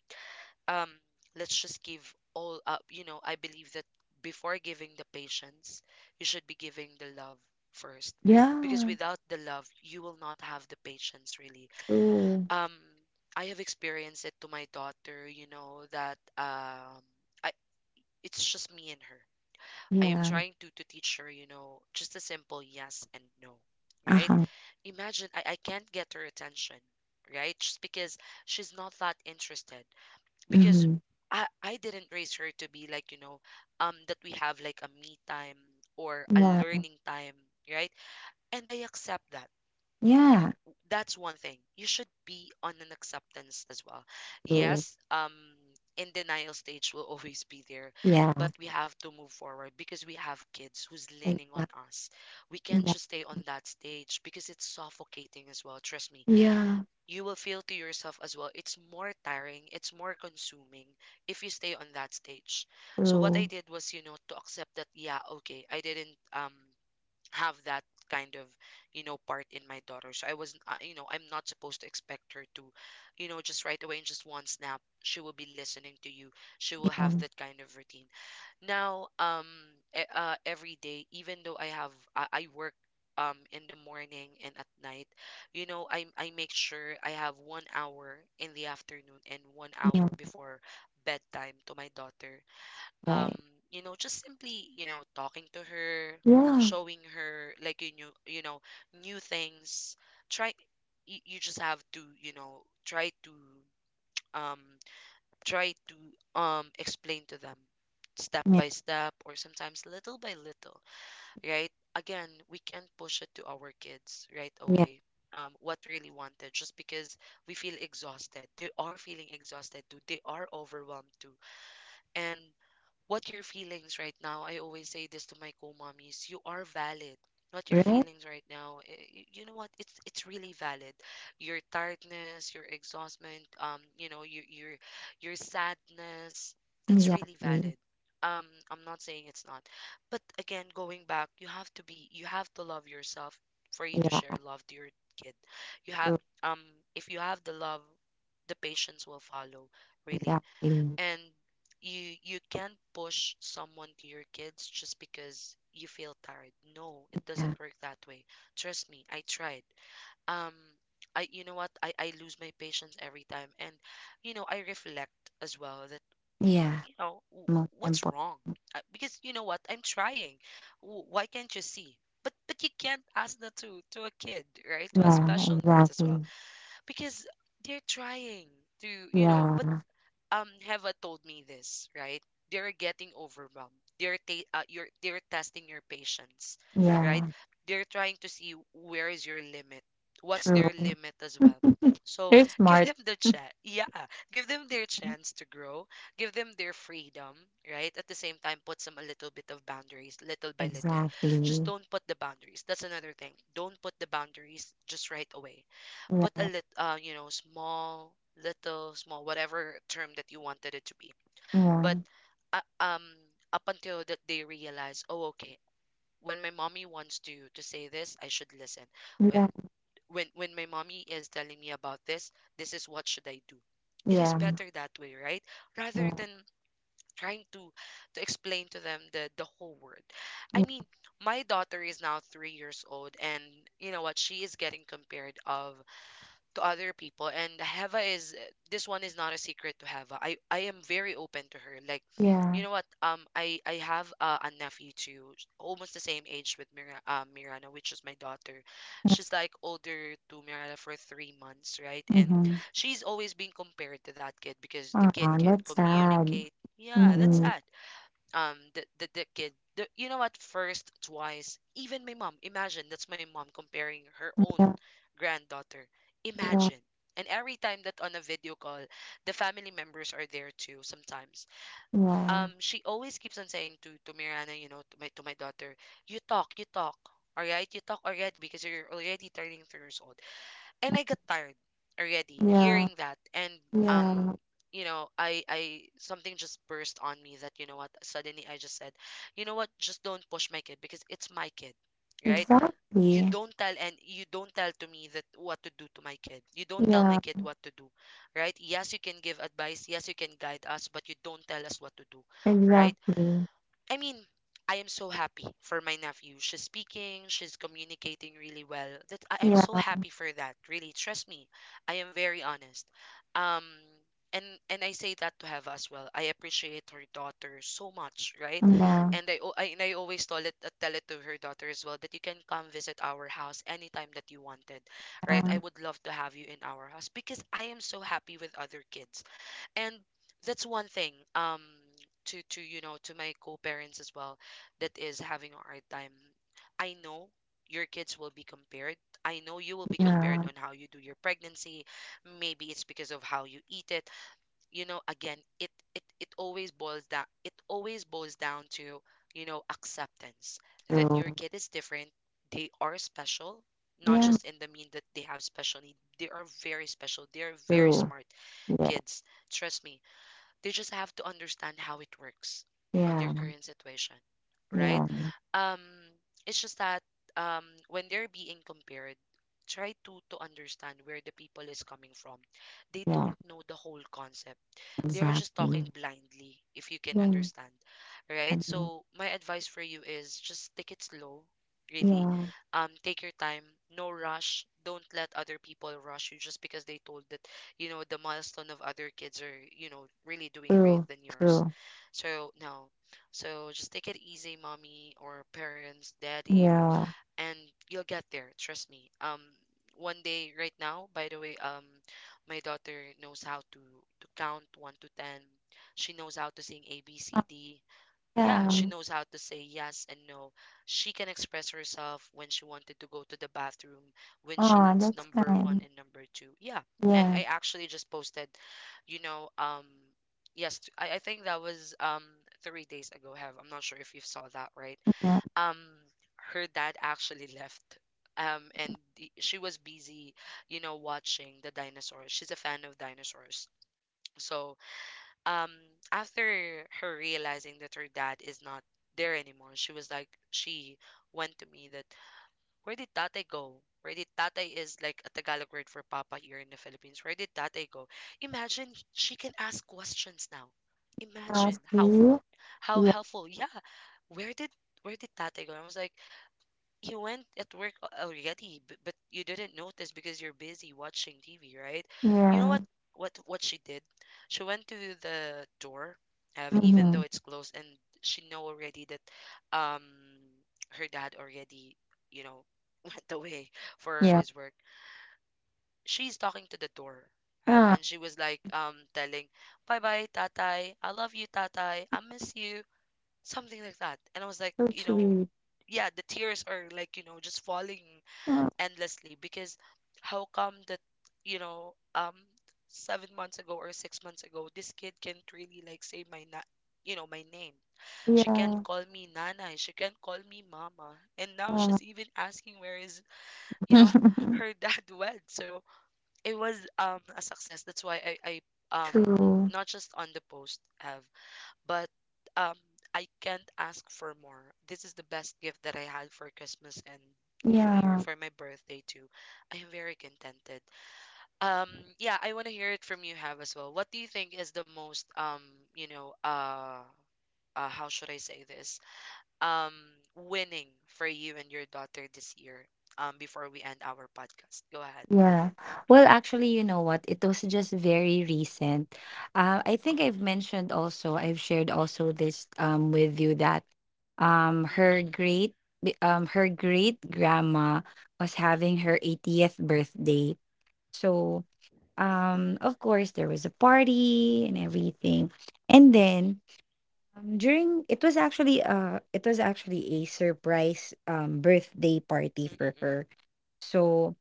um, let's just give all up. You know, I believe that before giving the patience, you should be giving the love first. Because
Yeah,
without the love, you will not have the patience really.
true.
Um, I have experienced it to my daughter, you know, that um, I it's just me and her. I am
Yeah.
trying to to teach her, you know, just a simple yes and no,
Uh
right?
huh.
Imagine I, I can't get her attention, right? Just because she's not that interested. Because
Mm-hmm.
I I didn't raise her to be like, you know, um that we have like a me time or a
Yeah.
learning time, right? And I accept that.
Yeah.
That's one thing. You should be on an acceptance as well.
True.
Yes, um, in denial stage will always be there,
Yeah.
but we have to move forward because we have kids who's
Like
leaning on
that.
us. We can't
Yeah,
just stay on that stage because it's suffocating as well. Trust me,
yeah,
you will feel to yourself as well. It's more tiring, it's more consuming if you stay on that stage. So what I
true.
did was, you know, to accept that, yeah, okay, I didn't um have that kind of, you know, part in my daughter. So I was uh, you know I'm not supposed to expect her to, you know, just right away, in just one snap, she will be listening to you. She will have
Yeah,
that kind of routine now. Um e- uh, every day, even though i have i, I work um in the morning and at night, you know, i i make sure I have 1 hour in the afternoon and 1
yeah,
hour before bedtime to my daughter. um
right.
you know, just simply, you know, talking to her,
Yeah,
showing her like you knew you know new things. Try You, you just have to, you know, try to um try to um explain to them step
yeah,
by step, or sometimes little by little. Right, again, we can't push it to our kids right
yeah,
away. Um what really wanted, just because we feel exhausted, they are feeling exhausted too, they are overwhelmed too. And what your feelings right now, I always say this to my co-mommies: you are valid. What your
right.
feelings right now, eh, y- you know what, it's it's really valid. Your tiredness, your exhaustment, um you know, your your your sadness, it's really
Exactly.
valid. um I'm not saying it's not, but again, going back, you have to be you have to love yourself for you to
Yeah,
share love to your kid. You have
true.
um if you have the love, the patience will follow, really.
Exactly.
And you you can't push someone to your kids just because you feel tired. No, it doesn't
Yeah,
work that way. Trust me, I tried. Um I you know what i i lose my patience every time, and, you know, I reflect as well that,
yeah.
you know, w-
Most
what's
important.
wrong. Uh, because, you know what, I'm trying. W- why can't you see? but but you can't ask that to to a kid, right? To a
Yeah,
special needs as well.
exactly.
Because they're trying to, you know. But
Yeah,
um Heva told me this, right? They're getting overwhelmed. They're ta- uh, you're they're testing your patience, right?
yeah,
They're trying to see where is your limit, what's
true.
their limit as well. So
You're
give
smart.
them the chat. Yeah, give them their chance to grow. Give them their freedom, right? At the same time, put some a little bit of boundaries, little by little. Just
Exactly.
don't put the boundaries. That's another thing. Don't put the boundaries just right away, but a
Yeah,
lit uh, you know, small, little, small, whatever term that you wanted it to be.
yeah,
But uh, um, up until that they realize, oh, okay, when my mommy wants to to say this, I should listen. When
yeah,
when when my mommy is telling me about this, this is what should I do. It is
yeah,
better that way, right?
yeah,
Rather than trying to to explain to them the the whole word. I mean, my daughter is now three years old, and you know what? She is getting compared of to other people, and Heva is eh, this one is not a secret to Heva. I I am very open to her. Like, you
yeah.
know what, um I I have uh, a nephew too, almost the same age with Mira uh, Mirana, which is my daughter. She's like older to Mirana for 3 months, right? And
Mm-hmm.
she's always being compared to that kid because the
Oh,
kid can
that's sad.
communicate. Yeah, that's
Mm-hmm.
sad. Um that that, the kid the, you know what, first twice, even my mom, imagine, that's my mom comparing her own
Yeah,
granddaughter.
yeah,
Imagine. And every time that on a video call, the family members are there too sometimes.
yeah,
Um she always keeps on saying to to Mirana, you know, to my to my daughter, "You talk, you talk, all right, you talk already, because you're already turning three years old." And I got tired already
yeah,
hearing that. And um
yeah.
you know, I I something just burst on me that, you know what, suddenly I just said, you know what, just don't push my kid because it's my kid, right? You
Exactly.
don't tell, and you don't tell to me that what to do to my kid. You don't tell my
Yeah,
kid what to do, right? Yes, you can give advice, yes, you can guide us, but you don't tell us what to do, right?
exactly.
I mean, I am so happy for my nephew. She's speaking, she's communicating really well. That I, I'm so
Yeah,
happy for that. Really, trust me. I am very honest. Um and and I say that to Have as well. I appreciate her daughter so much, right?
yeah,
And I, al- I and I always tell it uh, tell it to her daughter as well, that you can come visit our house anytime that you wanted, right? I
yeah,
would love to have you in our house because I am so happy with other kids. And that's one thing, um to to you know to my co-parents as well, that is having a hard time. I know your kids will be compared. I know you will be compared
yeah,
on how you do your pregnancy, maybe it's because of how you eat it. You know, again, it it it always boils down, it always boils down to, you know, acceptance, that
true.
your kid is different. They are special. Not
Yeah,
just in the mean that they have special need, they are very special, they are very
true.
smart
Yeah,
kids, trust me. They just have to understand how it works on their
yeah,
current situation, right?
yeah,
Um, it's just that um, when they're being compared, try to to understand where the people is coming from. They don't
yeah,
know the whole concept. They're just talking
exactly.
blindly, if you can
Yeah,
understand, right?
yeah,
So my advice for you is just take it slow, really.
yeah,
Um, take your time, no rush. Don't let other people rush you just because they told that, you know, the milestone of other kids are, you know, really doing great
true,
than yours.
true.
So no. So just take it easy, mommy or parents, daddy,
Yeah.
and you'll get there, trust me. Um one day, right now, by the way, um my daughter knows how to to count one to ten. She knows how to sing
Uh,
abcd. Yeah, she
yeah.
knows how to say yes and no. She can express herself when she wanted to go to the bathroom, when she
Oh,
needs
that's
number one
kind.
and number two, yeah. And
Yeah,
I actually just posted, you know um yes, i, I think that was um three days ago, have. I'm not sure if you saw that, right?
yeah.
um Her dad actually left, um and the- she was busy, you know, watching the dinosaurs. She's a fan of dinosaurs. So, um after her realizing that her dad is not there anymore, she was like, she went to me that, where did tate go? Where did tate is like a tagalog word for papa here in the philippines. Where did tate go? Imagine, she can ask questions now.
Uh,
Imagine how
see?
how
Yeah,
helpful. Yeah. Where did, where did tate go? I was like, you went at work, al- already, b- but you didn't notice because you're busy watching T V, right? You know
yeah,
what, what what she did? She went to the door, uh, even though
mm-hmm.
it's closed, and she know already that, um her dad already, you know, went away for
Yeah.
his work. She's talking to the door, have,
Ah,
and she was like, um telling, "Bye bye, Tatai. I love you, Tatai. I miss you." Something like that. And I was like,
so
you know,
sweet.
yeah, the tears are like, you know, just falling
Oh,
endlessly because how come that, you know um seven months ago or six months ago this kid can't really like say my na- you know, my name. She can't
yeah,
call me nana, she can't call me mama, and now
yeah.
she's even asking where is, you know, her dad went. So it was um a success, that's why i i um
True.
not just on the post, have, but um I can't ask for more. This is the best gift that I had for Christmas and New Year,
Yeah.
for my birthday too. I am very contented. Um yeah, I want to hear it from you, have, as well. What do you think is the most um, you know, uh uh, how should I say this? Um, Winning for you and your daughter this year. Um, before we end our podcast, go ahead.
Yeah. Well,
Mm-hmm.
actually, you know what? It was just very recent. Uh, I think I've
Mm-mm.
mentioned also, I've shared also
Mm-mm.
this um with you that um her
Mm-mm.
great bi- um her great grandma was having
Mm-mm.
her eightieth birthday. So, um of course, there was a party and everything.
Mm-mm.
And then um, during, it was actually uh it was actually a surprise um birthday party
Mm-mm.
for her.
Mm-mm.
So,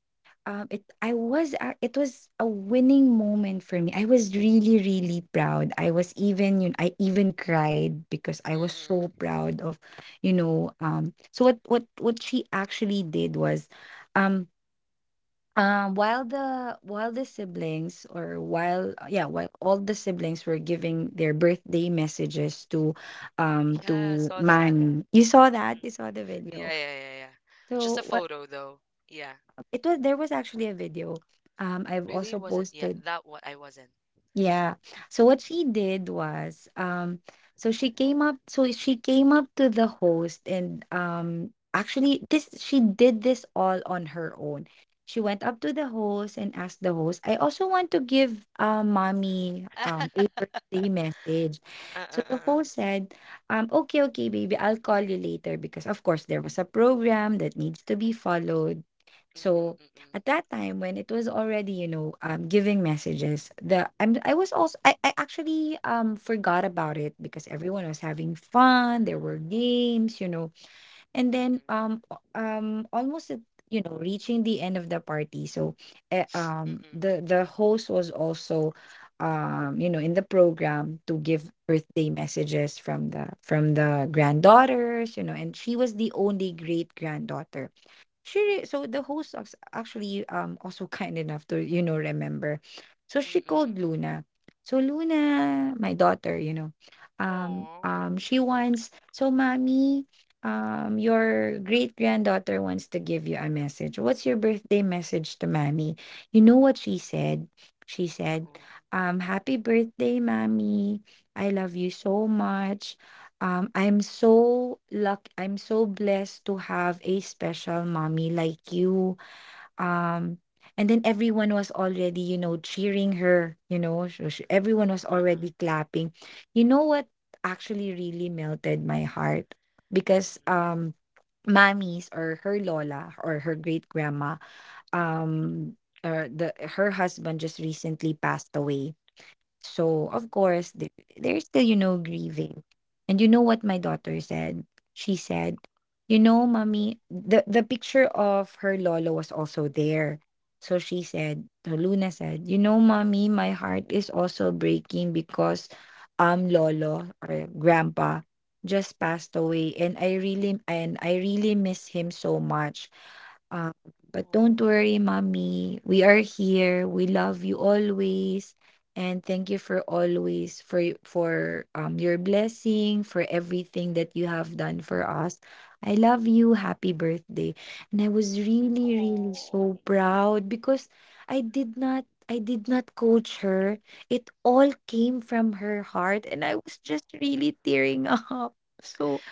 um, it, I was a- it was a winning moment for me. I was really really proud. I was even, you know, I even cried because I was
Mm-mm.
so proud of, you know, um. So what what what she actually did was, um. Um, while the while the siblings or while uh, yeah while all the siblings were giving their birthday messages to um
Yeah, I
to
saw that.
Manny, you saw that,
Mm-mm.
you saw the video.
Yeah, yeah, yeah, yeah. Just a
So
photo though. Yeah.
it was, there was actually a video. Um, I've also
Really wasn't. Yeah,
posted,
that what I wasn't.
yeah. So what she did was, um so she came up so she
Mm-mm.
came up to the host, and um actually this, she did this all on her own. She went up to the host and asked the host, I also want to give, uh, mommy
uh,
um a
uh,
birthday message.
uh,
So the
uh.
host said, um, okay, okay, baby, I'll call you later, because of course, there was a program that needs to be followed. So
Mm-mm,
at that time, when it was already, you know, um, giving messages, the I'm, I was also, I, I actually um forgot about it, because everyone was having fun, there were games, you know. And then
mm-mm,
um o- um almost at, you know, reaching the end of the party. So eh,
mm-mm,
um
mm-mm,
the the host was also um you know, in the program to give birthday messages from the from the granddaughters, you know, and she was the only great granddaughter. She re- so the host was actually um also kind enough to, you know, remember. So she
mm-mm,
called
mm-mm.
Luna. So Luna, my daughter, you know, um
Aw.
um she wants, so mommy, um your great granddaughter wants to give you a message. What's your birthday message to mommy? You know what she said? She said,
Mm-mm,
um happy birthday, mommy. I love you so much. Um, I'm so luck I'm so blessed to have a special mommy like you. Um, and then everyone was already, you know, cheering her, you know, sh- sh- everyone was
uh-uh,
already clapping. You know what actually really melted my heart? Because
mm-mm,
um mommies, or her lola, or her great grandma, um, uh, the her husband just recently passed away. So, of
mm,
course, th- they're still, you know, grieving. And you know what my daughter said? She said, "You know, mommy, the the picture of her lolo was also there." So she said, so Luna said, "You know, mommy, my heart is also breaking because um
mm-mm,
lolo or grandpa just passed away, and I
mm-mm.
really and I really miss him so much. Um, but
Aw,
don't worry, mommy. We are here. We love you always, and thank you for always, for y- for um your blessing, for everything that you have done for us. I love you. Happy
mm-mm.
birthday." And I was really really
Aw.
so proud, because i did not i did not coach her. It all came
Mm-mm.
from her heart, and I was just really tearing up. So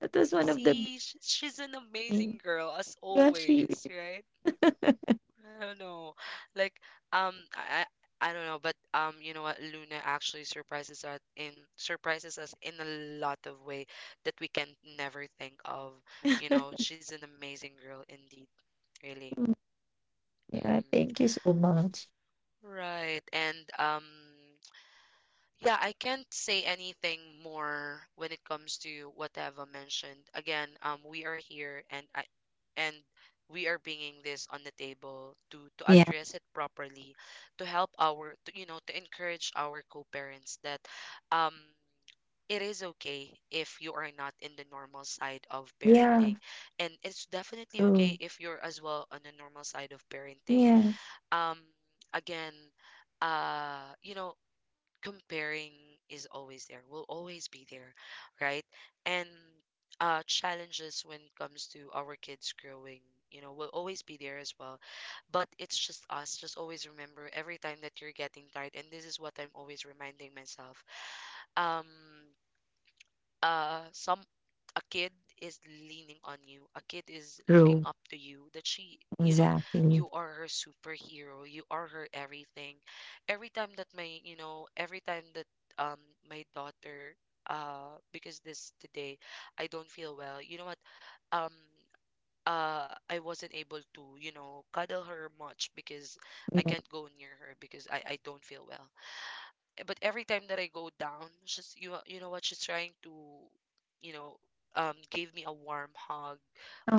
that was one of the big
See, sh- she's an
things.
amazing girl as
Yeah, she
always, right? I don't know. Like, um, I, I I don't know, but um, you know what? Luna actually surprises us in, surprises us in a lot of way that we can never think of. You know, she's an amazing girl indeed, really.
yeah,
Mm-mm.
thank you so much.
Right. And um yeah, I can't say anything more when it comes to what Eva mentioned. Again, um, we are here, and I, and we are bringing this on the table to to
Yeah,
address it properly, to help our to, you know, to encourage our co-parents that um it is okay if you are not in the normal side of
yeah,
parenting, and it's definitely okay
true.
if you're as well on the normal side of parenting.
Yeah,
um Again, uh you know, comparing is always there, will always be there, right? And uh, challenges when it comes to our kids growing, you know, will always be there as well. But it's just us. Just always remember every time that you're getting tired, and this is what I'm always reminding myself. Um, uh some A kid is leaning on you, a kid is looking
true.
up to you, that she, you know,
Exactly.
you are her superhero, you are her everything. Every time that my, you know, every time that, um my daughter, uh because this today I don't feel well, you know what, um uh I wasn't able to, you know, cuddle her much because I
Yeah.
can't go near her because I I don't feel well. But every time that I go down, she's, you know- you know what, she's trying to, you know, um, give me a warm hug,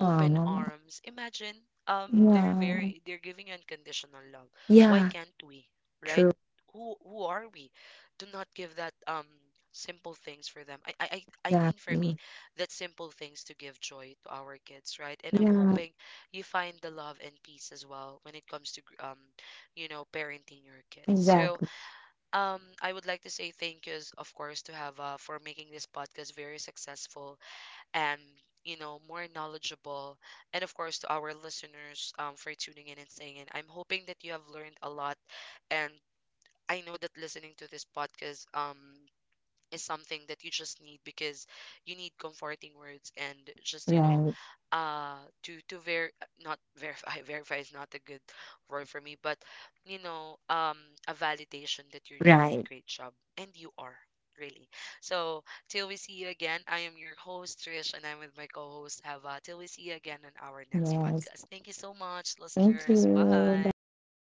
open arms. Imagine, um, they're
yeah.
very, they're giving you unconditional love. Why
Yeah.
can't we, right?
True.
Who who are we to not give that, um simple things for them? I I I I mean, for me,
Exactly.
that simple things to give joy to our kids, right? And I'm
Yeah.
hoping you find the love and peace as well when it comes to gr- um, you know, parenting your kids. So
Exactly.
um, I would like to say thank yous, of course, to have, uh, for making this podcast very successful, and, you know, more knowledgeable, and of course to our listeners, um, for tuning in and staying in. I'm hoping that you have learned a lot, and I know that listening to this podcast um is something that you just need because you need comforting words, and just, you know,
Right.
uh to to ver, not verify, verify is not a good word for me, but, you know, um a validation that you're doing a
Right.
great job, and you are really. So till we see you again, I am your host Trish, and I'm with my co-host Hava. Till we see you again on our next
Yes.
podcast. Thank you so much,
Thank
listeners.
you.
Bye.
Bye.